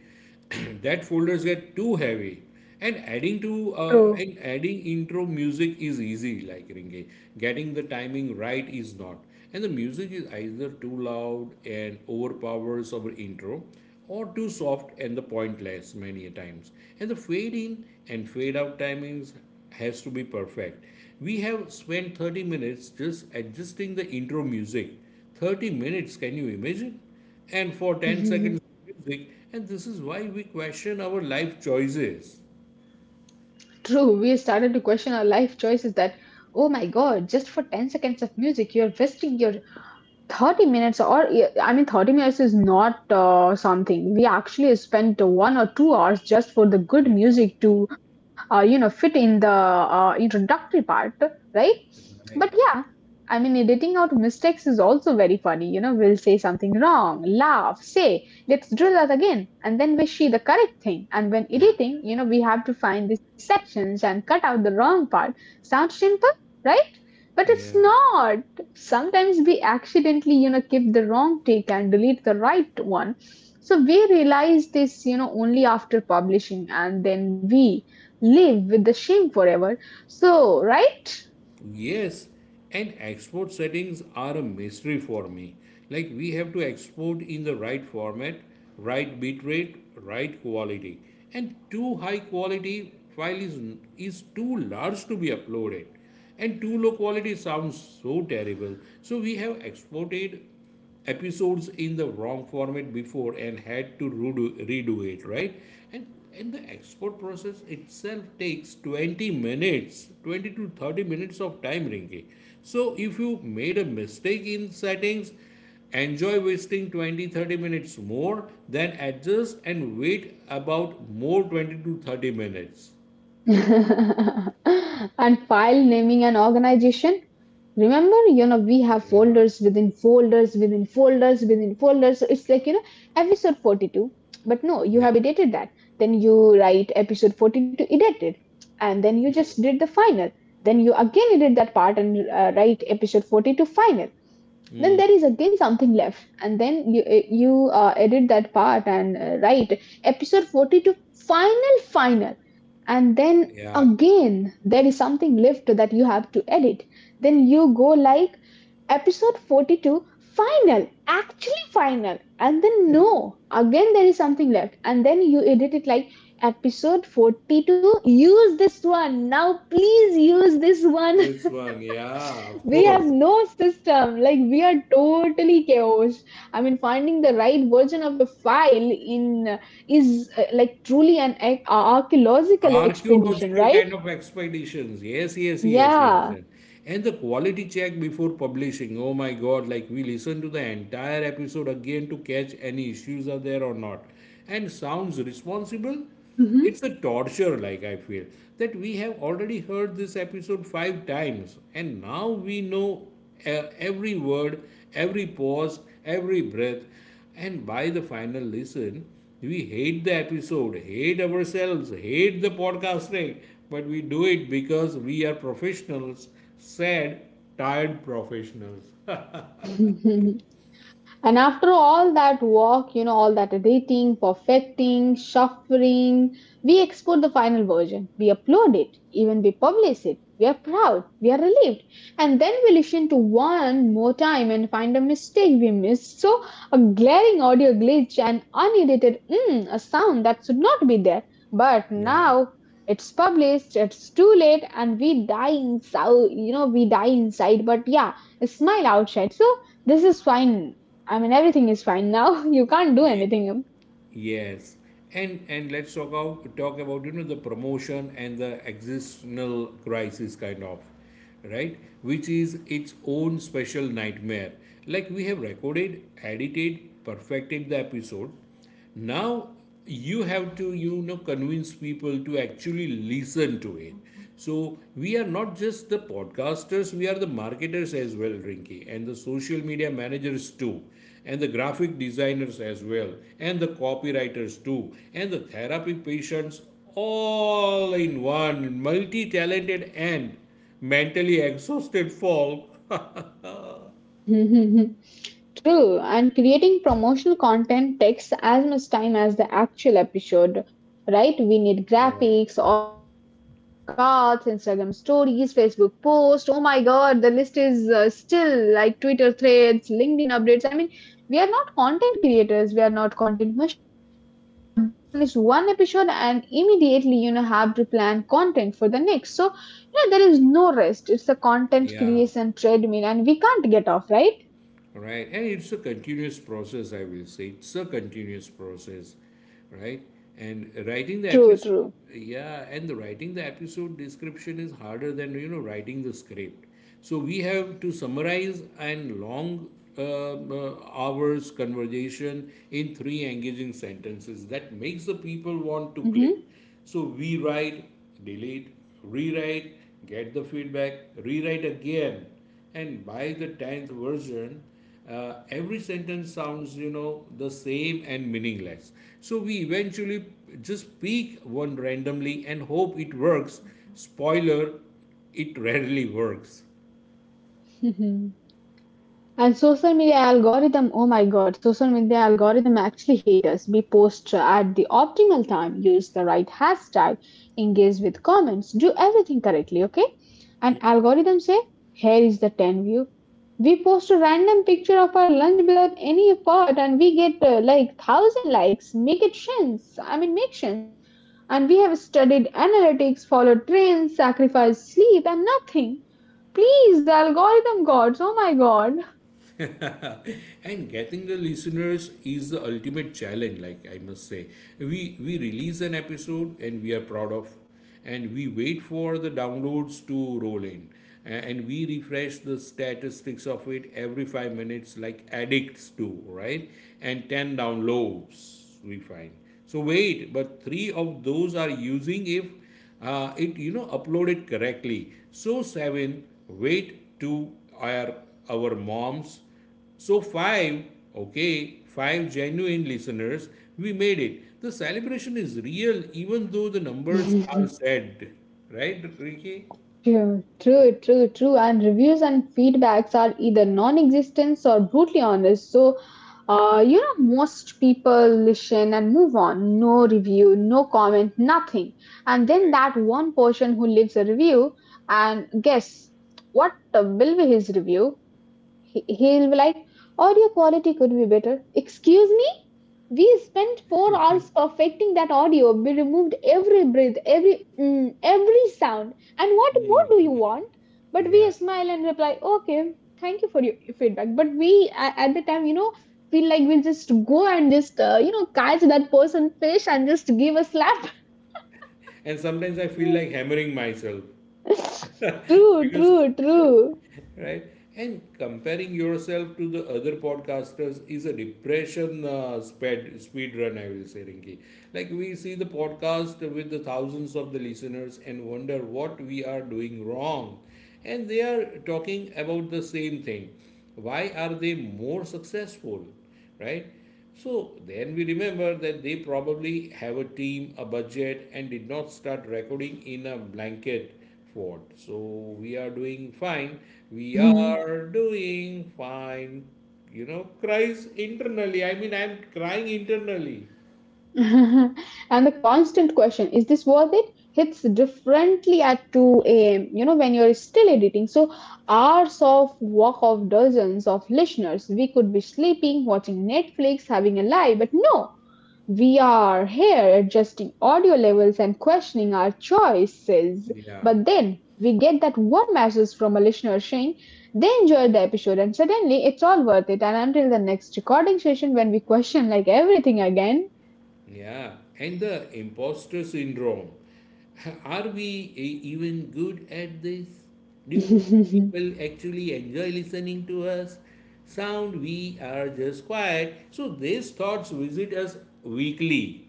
B: that folders get too heavy. And adding to
A: True.
B: and adding intro music is easy, like ringe, getting the timing right is not. And the music is either too loud and overpowers our intro, or too soft and the pointless many a times. And the fade in and fade out timings has to be perfect. We have spent 30 minutes just adjusting the intro music. 30 minutes, can you imagine? And for 10 seconds
A: True.
B: music, and this is why we question our life choices.
A: We started to question our life choices that, oh my God, just for 10 seconds of music, you're wasting your 30 minutes. Or yeah, I mean, 30 minutes is not something, we actually spent 1 or 2 hours just for the good
B: Yeah,
A: music to you know fit in the introductory part, right? But
B: right.
A: yeah, I mean, editing out mistakes is also very funny. You know, we'll say something wrong, laugh, say let's drill that again, and then we see the correct thing. And when
B: Mm.
A: editing, you know, we have to find the sections and cut out the wrong part. Sounds simple, right? But it's
B: Yeah.
A: not. Sometimes we accidentally, you know, keep the wrong take and delete the right one. So we realize this, you know, only after publishing, and then we live with the shame forever. So right.
B: Yes, and export settings are a mystery for me. Like we have to export in the right format, right bitrate, right quality. And too high quality file is too large to be uploaded. And too low quality sounds so terrible. So we have exported episodes in the wrong format before and had to redo it, right? and and the export process itself takes 20 minutes, 20 to 30 minutes of time, Rinky. So if you made a mistake in settings, enjoy wasting 20 to 30 minutes more, then adjust and wait about more 20 to 30 minutes.
A: And file naming and organization— remember, you know, we have
B: Yeah,
A: folders within folders within folders within folders. So it's like, you know, episode 42. But no, you
B: yeah,
A: have edited that. Then you write episode 42 edited. And then you just did the final. Then you again edit that part and write episode 42 final. Then
B: mm,
A: there is again something left and then you edit that part and write episode 42 final final. And then
B: yeah,
A: again there is something left that you have to edit, then you go like episode 42 final actually final. And then no, again there is something left and then you edit it like episode 42 use this one now please use this one.
B: this one, yeah, of
A: We have
B: course.
A: no system, like we are totally chaos. I mean, finding the right version of a file in is like truly an archaeological expedition,
B: Archaeological
A: right?
B: kind of expeditions. Yes, yes, yes, yes,
A: Yeah.
B: yes. And the quality check before publishing, oh my God, like we listen to the entire episode again to catch any issues are there or not. And sounds responsible.
A: Mhm.
B: It's a torture, like I feel that we have already heard this episode 5 times, and now we know every word, every pause, every breath. And by the final listen, we hate the episode, hate ourselves, hate the podcasting, but we do it because we are professionals, sad, tired professionals.
A: And after all that work, you know, all that editing, perfecting, shuffling, we export the final version. We upload it, even we publish it. We are proud, we are relieved. And then we listen to one more time and find a mistake we missed. So, a glaring audio glitch, an unedited mm, a sound that should not be there. But
B: Yeah.
A: now it's published, it's too late, and we die inside, you know, we die inside. But yeah, smile outside. So, this is fine. I mean, everything is fine now. You can't do
B: Ye-
A: anything.
B: Yes. And let's talk about the promotion and the existential crisis kind of, right? Which is its own special nightmare. Like we have recorded, edited, perfected the episode. Now you have to convince people to actually listen to it. So we are not just the podcasters, we are the marketers as well, Rinky, and the social media managers too, and the graphic designers as well, and the copywriters too, and the therapy patients, all in one multi-talented and mentally exhausted folk.
A: True, and creating promotional content takes as much time as the actual episode, right? We need
B: Right,
A: graphics, audiograms, quote cards, Instagram stories, Facebook posts. Oh my God, the list is still like Twitter threads, LinkedIn updates. I mean, we are not content creators, we are not content machines. I've— we finished one episode and immediately you know have to plan content for the next. So yeah, there is no rest. It's a content
B: yeah,
A: creation treadmill, and we can't get off, right?
B: right? And it's a continuous process, I will say. It's a continuous process, right? And writing the
A: True,
B: episode,
A: true.
B: yeah, and the writing the episode description is harder than, writing the script. So we have to summarize and long hours conversation in three engaging sentences that makes the people want to click. So we write, delete, rewrite, get the feedback, rewrite again, and by the 10th version, uh, every sentence sounds the same and meaningless. So we eventually just pick one randomly and hope it works. Spoiler, it rarely works.
A: Mm-hmm. And social media algorithm, oh my god, social media algorithm actually hate us. We post at the optimal time, use the right hashtag, engage with comments, do everything correctly, okay? And algorithm say, here is the 10 view. We post a random picture of our lunch without any effort, and we get like thousand likes. Make it sense. I mean, make sense. And we have studied analytics, followed trends, sacrificed sleep, and nothing. Please, the algorithm gods, oh my god.
B: And getting the listeners is the ultimate challenge, like I must say. We we release an episode and we are proud of, and we wait for the downloads to roll in. And we refresh the statistics of it every 5 minutes, like addicts do, right? And 10 downloads, we find. So wait, but 3 of those are using if it uploaded correctly. So 7, wait, to our moms. So five, okay, five genuine listeners, we made it. The celebration is real, even though the numbers are sad, right, Ricky?
A: True, true, true, true. And reviews and feedbacks are either non existence or brutally honest. So, you know, most people listen and move on. No review, no comment, nothing. And then
B: Right.
A: that one person who leaves a review, and guess what will be his review? He'll be like, audio quality could be better. Excuse me? We spent 4 hours perfecting that audio. We removed every breath, every mm, every sound. And what more do you want? But we
B: Yeah.
A: smile and reply, okay, thank you for your feedback. But we at the time, you know, feel like we'll just go and just you know catch that person fish and just give a slap.
B: And sometimes I feel like hammering myself
A: True,
B: because
A: true, true.
B: right. And comparing yourself to the other podcasters is a depression speed run, I will say, Rinki. Like we see the podcast with the thousands of the listeners and wonder what we are doing wrong. And they are talking about the same thing, why are they more successful, right? So then we remember that they probably have a team, a budget, and did not start recording in a blanket fort. So we are doing fine. We are doing fine. You know, cries internally. I mean, I'm crying internally.
A: And the constant question, is this worth it? Hits differently at 2 a.m., you know, when you're still editing. So, hours of work of dozens of listeners. We could be sleeping, watching Netflix, having a lie, but no, we are here adjusting audio levels and questioning our choices.
B: Yeah.
A: But then we get that one message from a listener saying, they enjoyed the episode, and suddenly it's all worth it, and until the next recording session when we question like everything again.
B: Yeah, and the imposter syndrome. Are we even good at this? Do people actually enjoy listening to us? Sound we are just quiet. So these thoughts visit us weekly.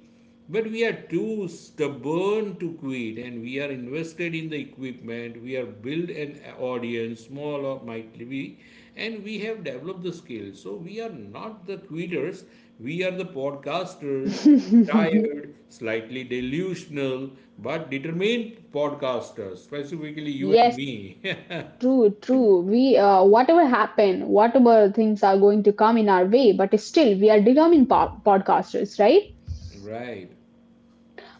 B: But we are too stubborn to quit, and we are invested in the equipment. We are built an audience, small or might be, and we have developed the skills. So we are not the quitters, we are the podcasters,
A: Yes,
B: tired, slightly delusional, but determined podcaster, specifically you and me.
A: true, true, we whatever happen, whatever things are going to come in our way, but still we are determined podcasters, right?
B: Right.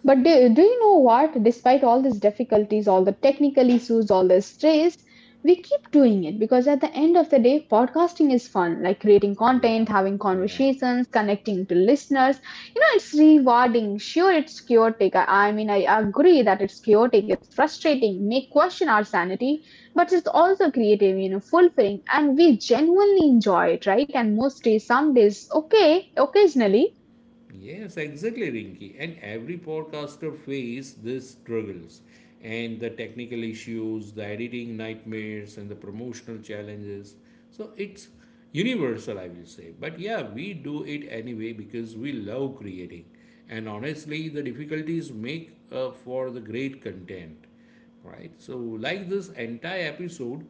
A: But do you know what? Despite all these difficulties, all the technical issues, all the stress, we keep doing it because at the end of the day, podcasting is fun, like creating
B: Yeah.
A: content, having
B: Yeah.
A: conversations, connecting to listeners. You know, it's rewarding. Sure, it's chaotic. I mean, I agree that it's chaotic, it's frustrating, may question our sanity, but it's also creative, you know, fulfilling, and we genuinely enjoy it, right? And most days, some days, okay, occasionally.
B: Yes, exactly, Rinky. And every podcaster face these struggles and the technical issues, the editing nightmares, and the promotional challenges. So it's universal, I will say. But yeah, we do it anyway because we love creating. And honestly, the difficulties make up for the great content. Right, so like this entire episode,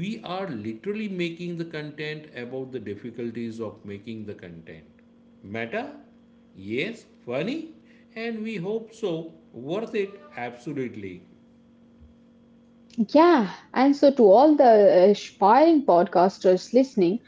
B: we are literally making the content about the difficulties of making the content. Meta, yes, funny, and we hope so, worth it, absolutely.
A: Yeah, and so to all the aspiring podcasters listening,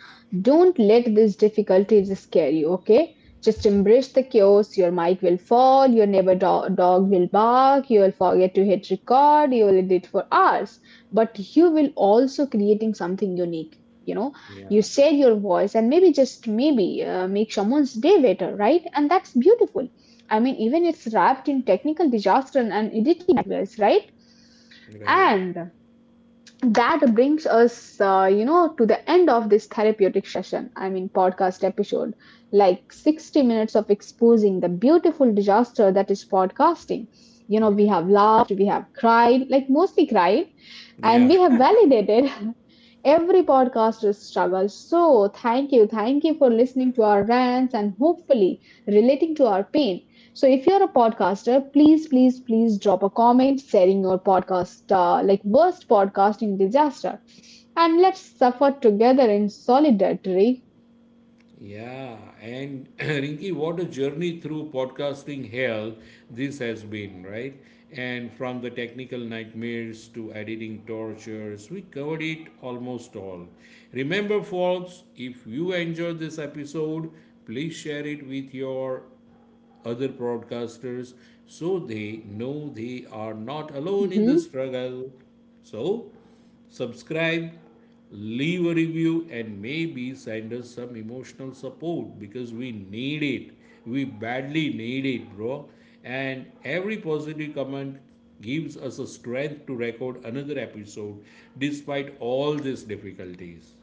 A: don't let these difficulties scare you, okay? Just embrace the chaos. Your mic will fall, your neighbor dog will bark, you will forget to hit record, you will edit for hours, but you will also creating something unique. You know, you
B: Yeah,
A: share your voice, and maybe just maybe make someone's day better, right? And that's beautiful. I mean, even it's wrapped in technical disaster and editing nightmares, right?
B: right,
A: And that brings us, you know, to the end of this therapeutic session, I mean podcast episode, like 60 minutes of exposing the beautiful disaster that is podcasting. You know, we have laughed, we have cried, like mostly cried,
B: yeah.
A: and we have validated every podcaster's struggle. So, thank you. Thank you for listening to our rants and hopefully relating to our pain. So, if you're a podcaster, please, please, please drop a comment sharing your podcast, like worst podcasting disaster, and let's suffer together in solidarity.
B: Yeah, and Rinki, what a journey through podcasting hell this has been, right? And from the technical nightmares to editing tortures, we covered it almost all. Remember, folks, if you enjoyed this episode, please share it with your other broadcasters so they know they are not alone in the
A: Mhm.
B: struggle. So subscribe, leave a review, and maybe send us some emotional support because we need it. We badly need it, bro. And every positive comment gives us a strength to record another episode despite all these difficulties.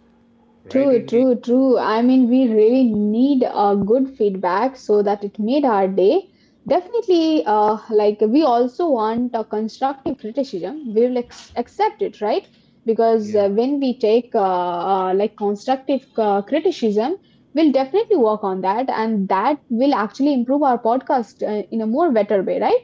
B: Right,
A: True,
B: Rinki?
A: true, true. I mean, we really need a good feedback so that it made our day. Definitely, like we also want a constructive criticism. We will accept it, right? Because
B: Yeah.
A: when we take like constructive criticism, we'll definitely work on that, and that will actually improve our podcast, in a more better way, right?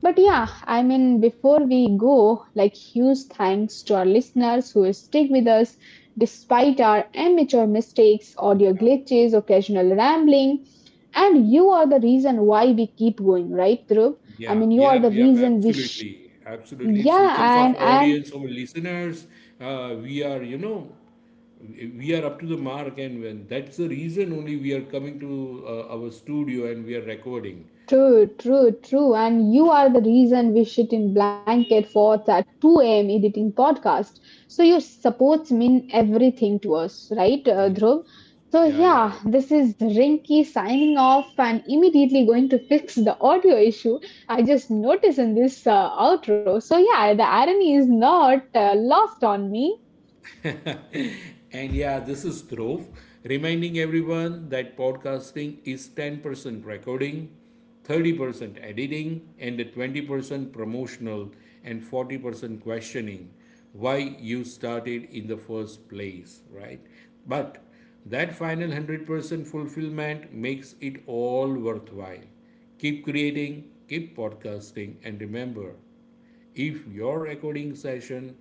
A: But yeah, I mean, before we go, like huge thanks to our listeners who stick with us despite our amateur mistakes, audio glitches, occasional rambling. And you are the reason why we keep going, right, Dhruv? I
B: Yeah,
A: mean, you are
B: yep,
A: the
B: yep,
A: reason we.
B: absolutely. Absolutely. It's
A: Yeah,
B: because
A: and
B: of
A: and
B: audience or listeners, we are, we are up to the mark, and when that's the reason only we are coming to our studio, and we are recording.
A: true, true, true. And you are the reason we sit in blanket forts at 2 a.m. editing podcast. So your supports mean everything to us, right,
B: Yes,
A: Dhruv?
B: yes.
A: So
B: Yeah, yeah,
A: yeah,
B: yeah.
A: this is Rinky signing off and immediately going to fix the audio issue I just noticed in this outro. So yeah, the irony is not lost on me.
B: And yeah, this is Dhruv, reminding everyone that podcasting is 10% recording, 30% editing, and 20% promotional and 40% questioning why you started in the first place, right? But that final 100% fulfillment makes it all worthwhile. Keep creating, keep podcasting, and remember, if your recording session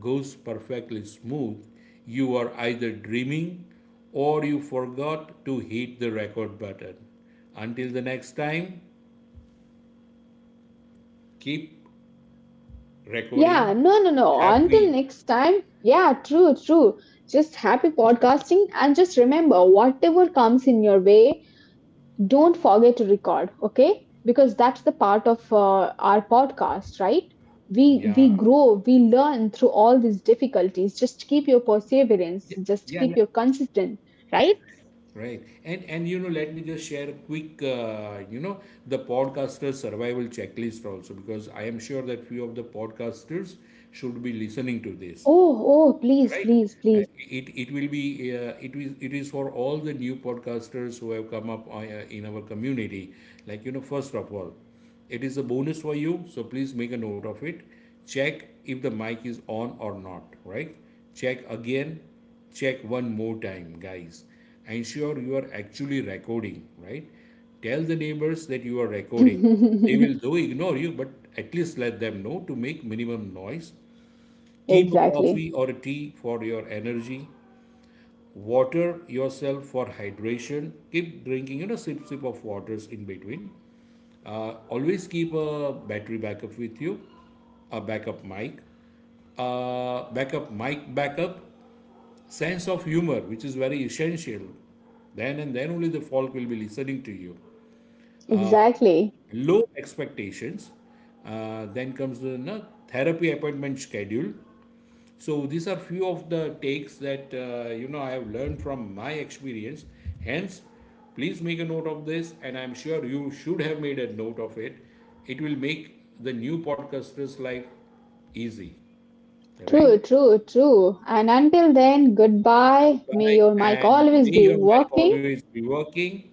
B: goes perfectly smooth, you are either dreaming or you forgot to hit the record button. Until the next time, keep recording.
A: Yeah, no, no, no. Until
B: Happy.
A: next time. Yeah, true, true. Just happy podcasting, and just remember whatever comes in your way, don't forget to record, okay? Because that's the part of our podcast, right? We
B: Yeah.
A: we grow, we learn through all these difficulties. Just keep your perseverance,
B: Yeah.
A: just
B: Yeah,
A: keep
B: yeah.
A: your consistent, right?
B: Right. And, let me just share a quick, the podcaster survival checklist also because I am sure that few of the podcasters should be listening to this.
A: Oh, oh, please,
B: Right.
A: please,
B: Uh,
A: please.
B: it will be it is for all the new podcasters who have come up in our community. Like first of all, it is a bonus for you, so please make a note of it. Check if the mic is on or not, right? Check again. Check one more time, guys. Ensure you are actually recording, right? Tell the neighbors that you are recording. They will though ignore you, but at least let them know to make minimum noise. Keep a
A: Exactly.
B: coffee or a tea for your energy. Water yourself for hydration. Keep drinking, sip of waters in between. Always keep a battery backup with you, a backup mic, backup, sense of humor, which is very essential. Then and then only the folk will be listening to you.
A: Exactly.
B: Low expectations. Then comes the no, therapy appointment schedule. So these are few of the takes that I have learned from my experience. Hence, please make a note of this, and I'm sure you should have made a note of it. It will make the new podcaster's life easy.
A: True,
B: Right?
A: true, true. And until then, goodbye. May
B: Goodbye,
A: your mic
B: and
A: always
B: may
A: be
B: your mic
A: working.
B: always be working.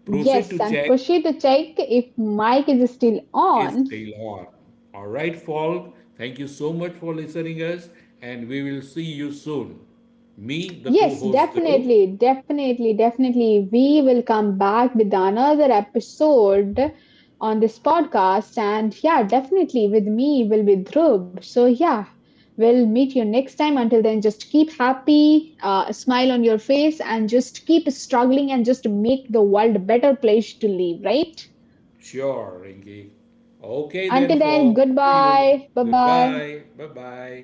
B: Proceed
A: Yes,
B: to
A: and
B: check
A: Pushy to check if mic is still
B: is
A: on.
B: still on. All right, folk. Thank you so much for listening us, and we will see you soon. Me, the
A: Yes,
B: co-host Dhruv.
A: definitely, definitely, definitely. We will come back with another episode on this podcast. And yeah, definitely with me will be Dhruv. So yeah. We'll meet you next time. Until then, just keep happy, a smile on your face, and just keep struggling and just make the world a better place to live, right?
B: Sure, Rinky. Okay
A: Until
B: then,
A: then,
B: folks. See you.
A: goodbye. Bye bye.
B: Goodbye. Bye bye.